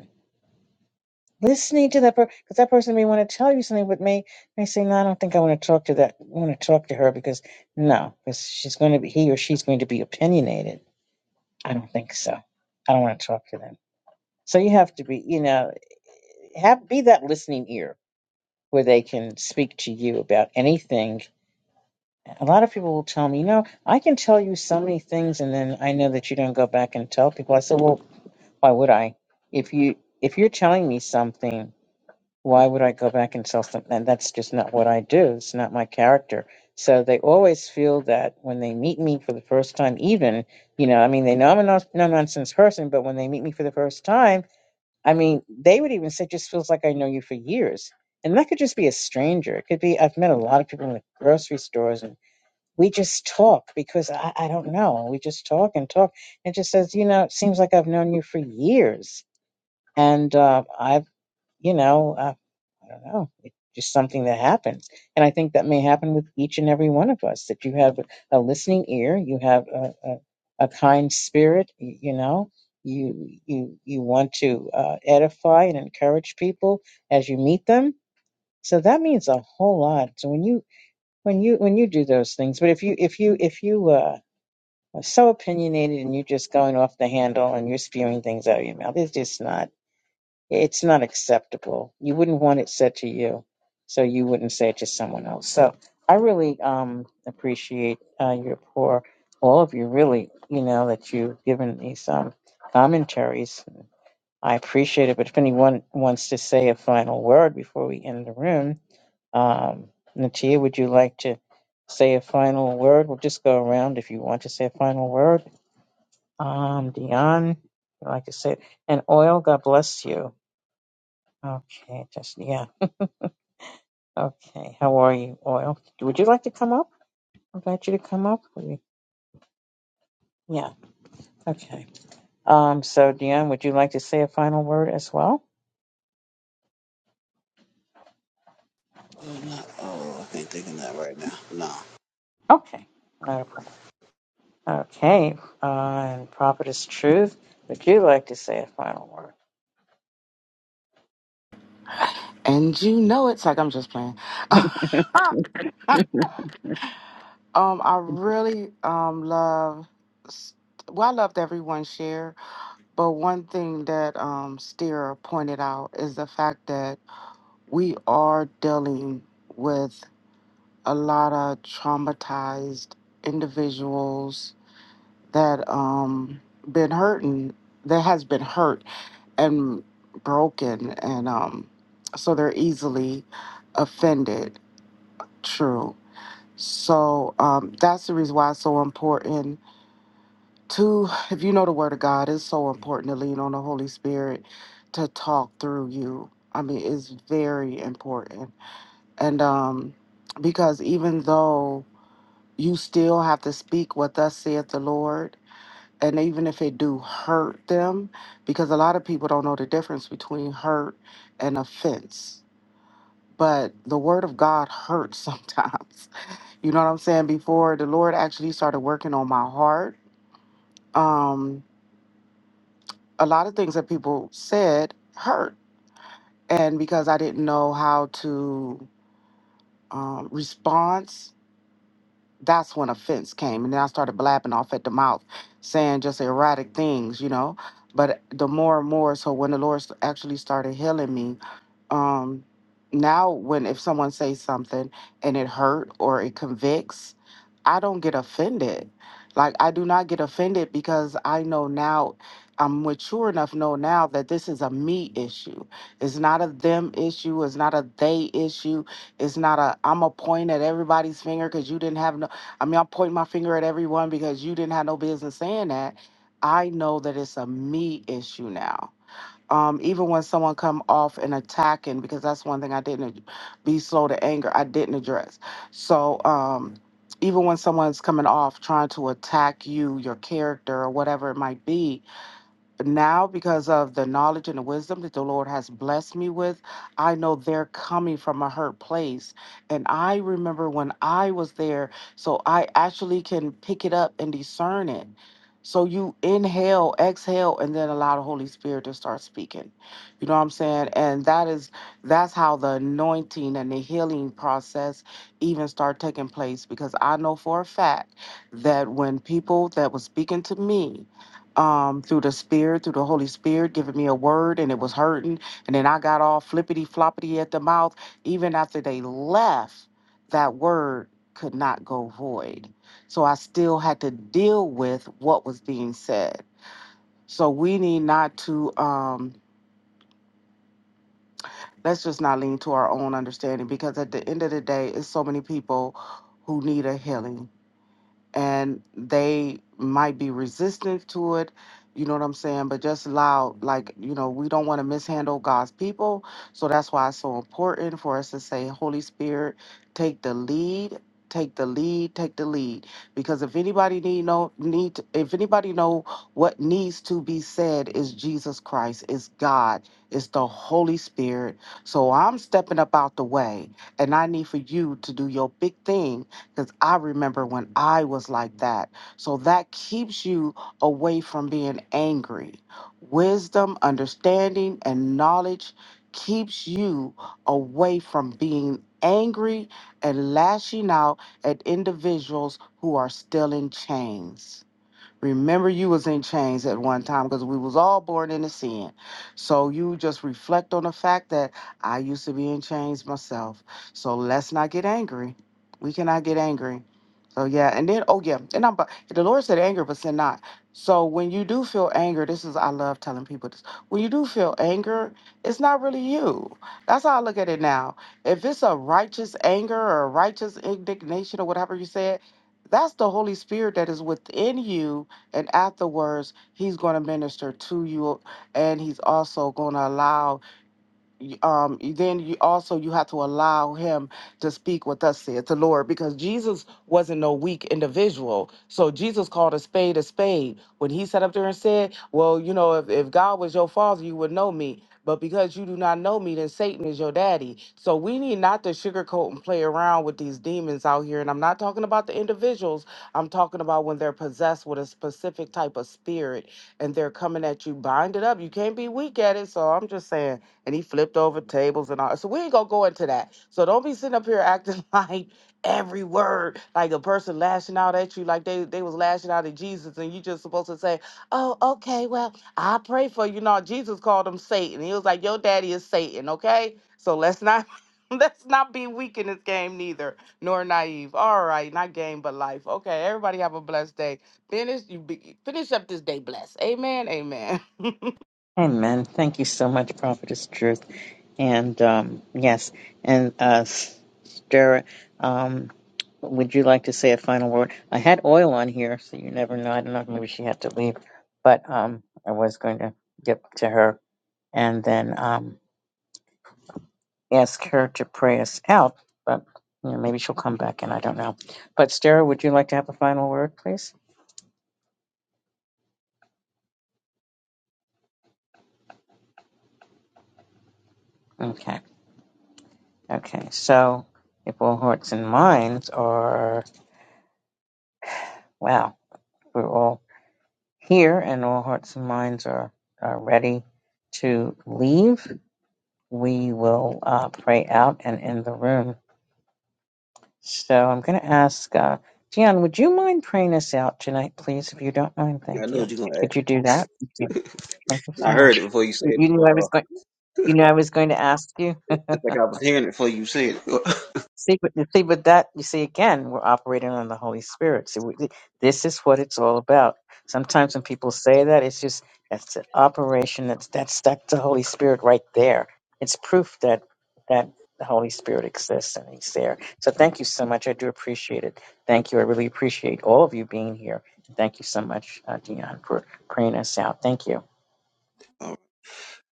listening to that person because that person may want to tell you something but may may say no i don't think i want to talk to that want to talk to her because no because she's going to be he or she's going to be opinionated i don't think so i don't want to talk to them so you have to be you know have be that listening ear where they can speak to you about anything a lot of people will tell me, you know, I can tell you so many things, and then I know that you don't go back and tell people. I said, well, why would I? If you if you're telling me something why would I go back and sell something? And that's just not what I do. It's not my character. So they always feel that when they meet me for the first time, even, you know, I mean, they know I'm a no nonsense person, but when they meet me for the first time, I mean, they would even say, just feels like I know you for years. And that could just be a stranger. It could be, I've met a lot of people in the grocery stores and we just talk because I, I don't know. We just talk and talk. It just says, you know, it seems like I've known you for years. And uh, I've, you know, I don't know. It's just something that happens. And I think that may happen with each and every one of us that you have a listening ear, you have a, a, a kind spirit, y- you know. You you you want to uh, edify and encourage people as you meet them, so that means a whole lot. So when you when you when you do those things, but if you if you if you uh, are so opinionated and you're just going off the handle and you're spewing things out of your mouth, it's just not. It's not acceptable. You wouldn't want it said to you, so you wouldn't say it to someone else. So I really um, appreciate uh, your poor, all of you really, you know, that you've given these um, commentaries. I appreciate it. But if anyone wants to say a final word before we end the room, um, Natia, would you like to say a final word? We'll just go around if you want to say a final word. Um, Dion, would you like to say, and Oil, God bless you. Okay, just yeah. Okay, how are you, Oil? Would you like to come up? Invite you to come up. Would you- Yeah. Okay. Um. So, Dion, would you like to say a final word as well? Oh, not, oh, I can't think of that right now. No, Okay. Not a problem. Okay. Uh, and Prophetess Truth, would you like to say a final word? And you know it's like I'm just playing. um, I really um love well, I loved everyone's share, but one thing that um Steer pointed out is the fact that we are dealing with a lot of traumatized individuals that um been hurting that has been hurt and broken and um so they're easily offended true so um that's the reason why it's so important to if you know the word of god it's so important to lean on the holy spirit to talk through you i mean it's very important and um because even though you still have to speak what thus saith the lord and even if it do hurt them because a lot of people don't know the difference between hurt and offense but the word of god hurts sometimes you know what i'm saying before the lord actually started working on my heart um a lot of things that people said hurt and because i didn't know how to um, respond that's when offense came. And then I started blabbing off at the mouth, saying just erratic things, you know. But the more and more, so when the Lord s- actually started healing me, um now when if someone says something and it hurt or it convicts i don't get offended like i do not get offended because i know now i'm mature enough know now that this is a me issue it's not a them issue it's not a they issue it's not a i'm a point at everybody's finger because you didn't have no i mean i'm pointing my finger at everyone because you didn't have no business saying that i know that it's a me issue now um, even when someone come off and attacking, because that's one thing I didn't ad- be slow to anger. I didn't address. So um, even when someone's coming off trying to attack you, your character, or whatever it might be, now because of the knowledge and the wisdom that the Lord has blessed me with, I know they're coming from a hurt place. And I remember when I was there, so I actually can pick it up and discern it. So you inhale, exhale, and then allow the Holy Spirit to start speaking. You know what I'm saying? And that is that's how the anointing and the healing process even start taking place because I know for a fact that when people that was speaking to me um, through the Spirit, through the Holy Spirit, giving me a word, and it was hurting. And then I got all flippity floppity at the mouth. Even after they left, that word could not go void. So I still had to deal with what was being said. So we need not to, um, let's just not lean to our own understanding because at the end of the day, it's so many people who need a healing and they might be resistant to it you know what i'm saying but just allow like you know we don't want to mishandle god's people so that's why it's so important for us to say holy spirit take the lead take the lead take the lead because if anybody need know need to- if anybody know what needs to be said is jesus christ is god is the holy spirit so i'm stepping up out the way and i need for you to do your big thing because I remember when I was like that. So that keeps you away from being angry. Wisdom, understanding, and knowledge keeps you away from being angry and lashing out at individuals who are still in chains. Remember you was in chains at one time because we was all born into sin. So you just reflect on the fact that I used to be in chains myself. So let's not get angry. We cannot get angry. So yeah, and then oh yeah, and I'm but the Lord said anger, but sin not. So when you do feel anger, this is I love telling people this. When you do feel anger, it's not really you. That's how I look at it now. If it's a righteous anger or a righteous indignation or whatever you said, that's the Holy Spirit that is within you and afterwards, he's going to minister to you, and he's also going to allow y- um then you also you have to allow him to speak with us saith the lord because jesus wasn't no weak individual so jesus called a spade a spade when he sat up there and said well you know if, if god was your father you would know me but because you do not know me then satan is your daddy so we need not to sugarcoat and play around with these demons out here and i'm not talking about the individuals i'm talking about when they're possessed with a specific type of spirit and they're coming at you bind it up you can't be weak at it so i'm just saying and he flipped over tables and all. So we ain't gonna go into that. So don't be sitting up here acting like every word, like a person lashing out at you, like they they was lashing out at Jesus, and you just supposed to say, "Oh, okay, well, I pray for you." No, Jesus called him Satan. He was like, "Your daddy is Satan." Okay, so let's not. Let's not be weak in this game, neither, nor naive. All right, not game, but life. Okay, everybody have a blessed day. Finish you be, finish up this day blessed. Amen. Amen. Amen. Thank you so much, Prophetess Truth. And um, yes, and uh, Sarah, um, would you like to say a final word? I had oil on here, so you never know. I don't know if maybe she had to leave, but um, I was going to get to her and then um, ask her to pray us out. But you know, maybe she'll come back, and I don't know. But Sarah, would you like to have a final word, please? Okay. Okay. So, if all hearts and minds are wow, we're all. here and all hearts and minds are, are ready to leave, we will uh, pray out and end the room. So I'm going to ask, uh, Gian, would you mind praying us out tonight, please? If you don't mind, I thank know what you. you're gonna Could ask. you do that? Thank you, thank you so I heard it much. before you said You it. you knew But, I uh, was going. You knew I was going to ask you. it's like I was hearing it before you said it. See, but you see, but that you see again, we're operating on the Holy Spirit. So we, this is what it's all about. Sometimes when people say that, it's just that's an operation. That's that's that's the Holy Spirit right there. It's proof that that the Holy Spirit exists and He's there. So thank you so much. I do appreciate it. Thank you. I really appreciate all of you being here. Thank you so much, uh, Dion, for praying us out. Thank you. All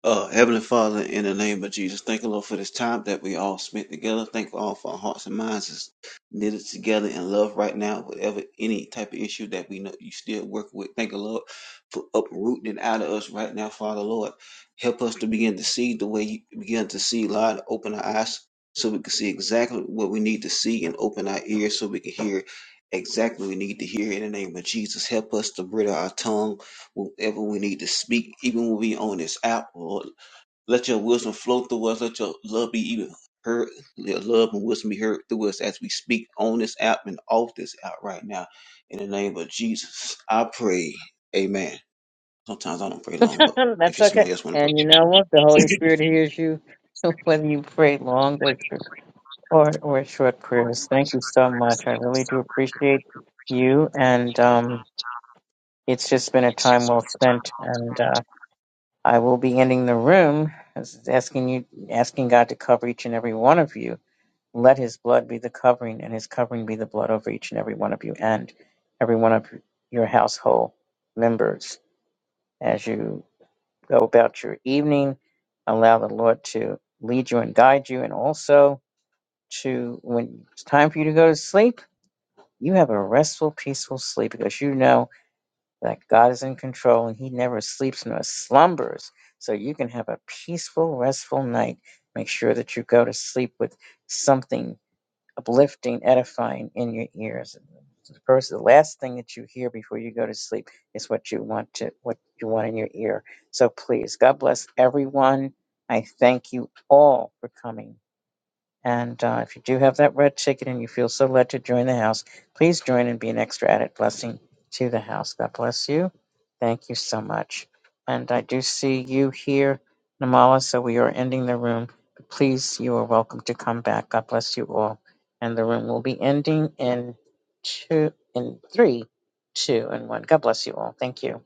uh, Heavenly Father, in the name of Jesus, thank you, Lord, for this time that we all spent together. Thank you all for our hearts and minds is knitted together in love right now. Whatever any type of issue that we know you still work with, thank you, Lord, for uprooting it out of us right now, Father, Lord. Help us to begin to see the way you begin to see, Lord. Open our eyes so we can see exactly what we need to see and open our ears so we can hear exactly what we need to hear in the name of Jesus. Help us to bridle our tongue whenever we need to speak, even when we on this app, Lord. Let your wisdom flow through us. Let your love be even heard. Let love and wisdom be heard through us as we speak on this app and off this app right now. In the name of Jesus, I pray. Amen. Sometimes I don't pray long, but if that's you okay. somebody else want to pray. And you know what? The Holy Spirit hears you, whether you pray long or Or, or short prayers. Thank you so much. I really do appreciate you, and um, it's just been a time well spent. And uh, I will be ending the room, as- asking you, asking God to cover each and every one of you. Let His blood be the covering, and His covering be the blood over each and every one of you, and every one of your household members. As you go about your evening, allow the Lord to lead you and guide you, and also to when it's time for you to go to sleep You have a restful, peaceful sleep because you know that God is in control and He never sleeps nor slumbers. So you can have a peaceful, restful night. Make sure that you go to sleep with something uplifting, edifying in your ears. The first, the last thing that you hear before you go to sleep is what you want to, what you want in your ear. So please, God bless everyone. I thank you all for coming. And uh, if you do have that red ticket and you feel so led to join the house, please join and be an extra added blessing to the house. God bless you. Thank you so much. And I do see you here, Namala, so we are ending the room. Please, you are welcome to come back. God bless you all. And the room will be ending in two, in three, two, and one. God bless you all. Thank you.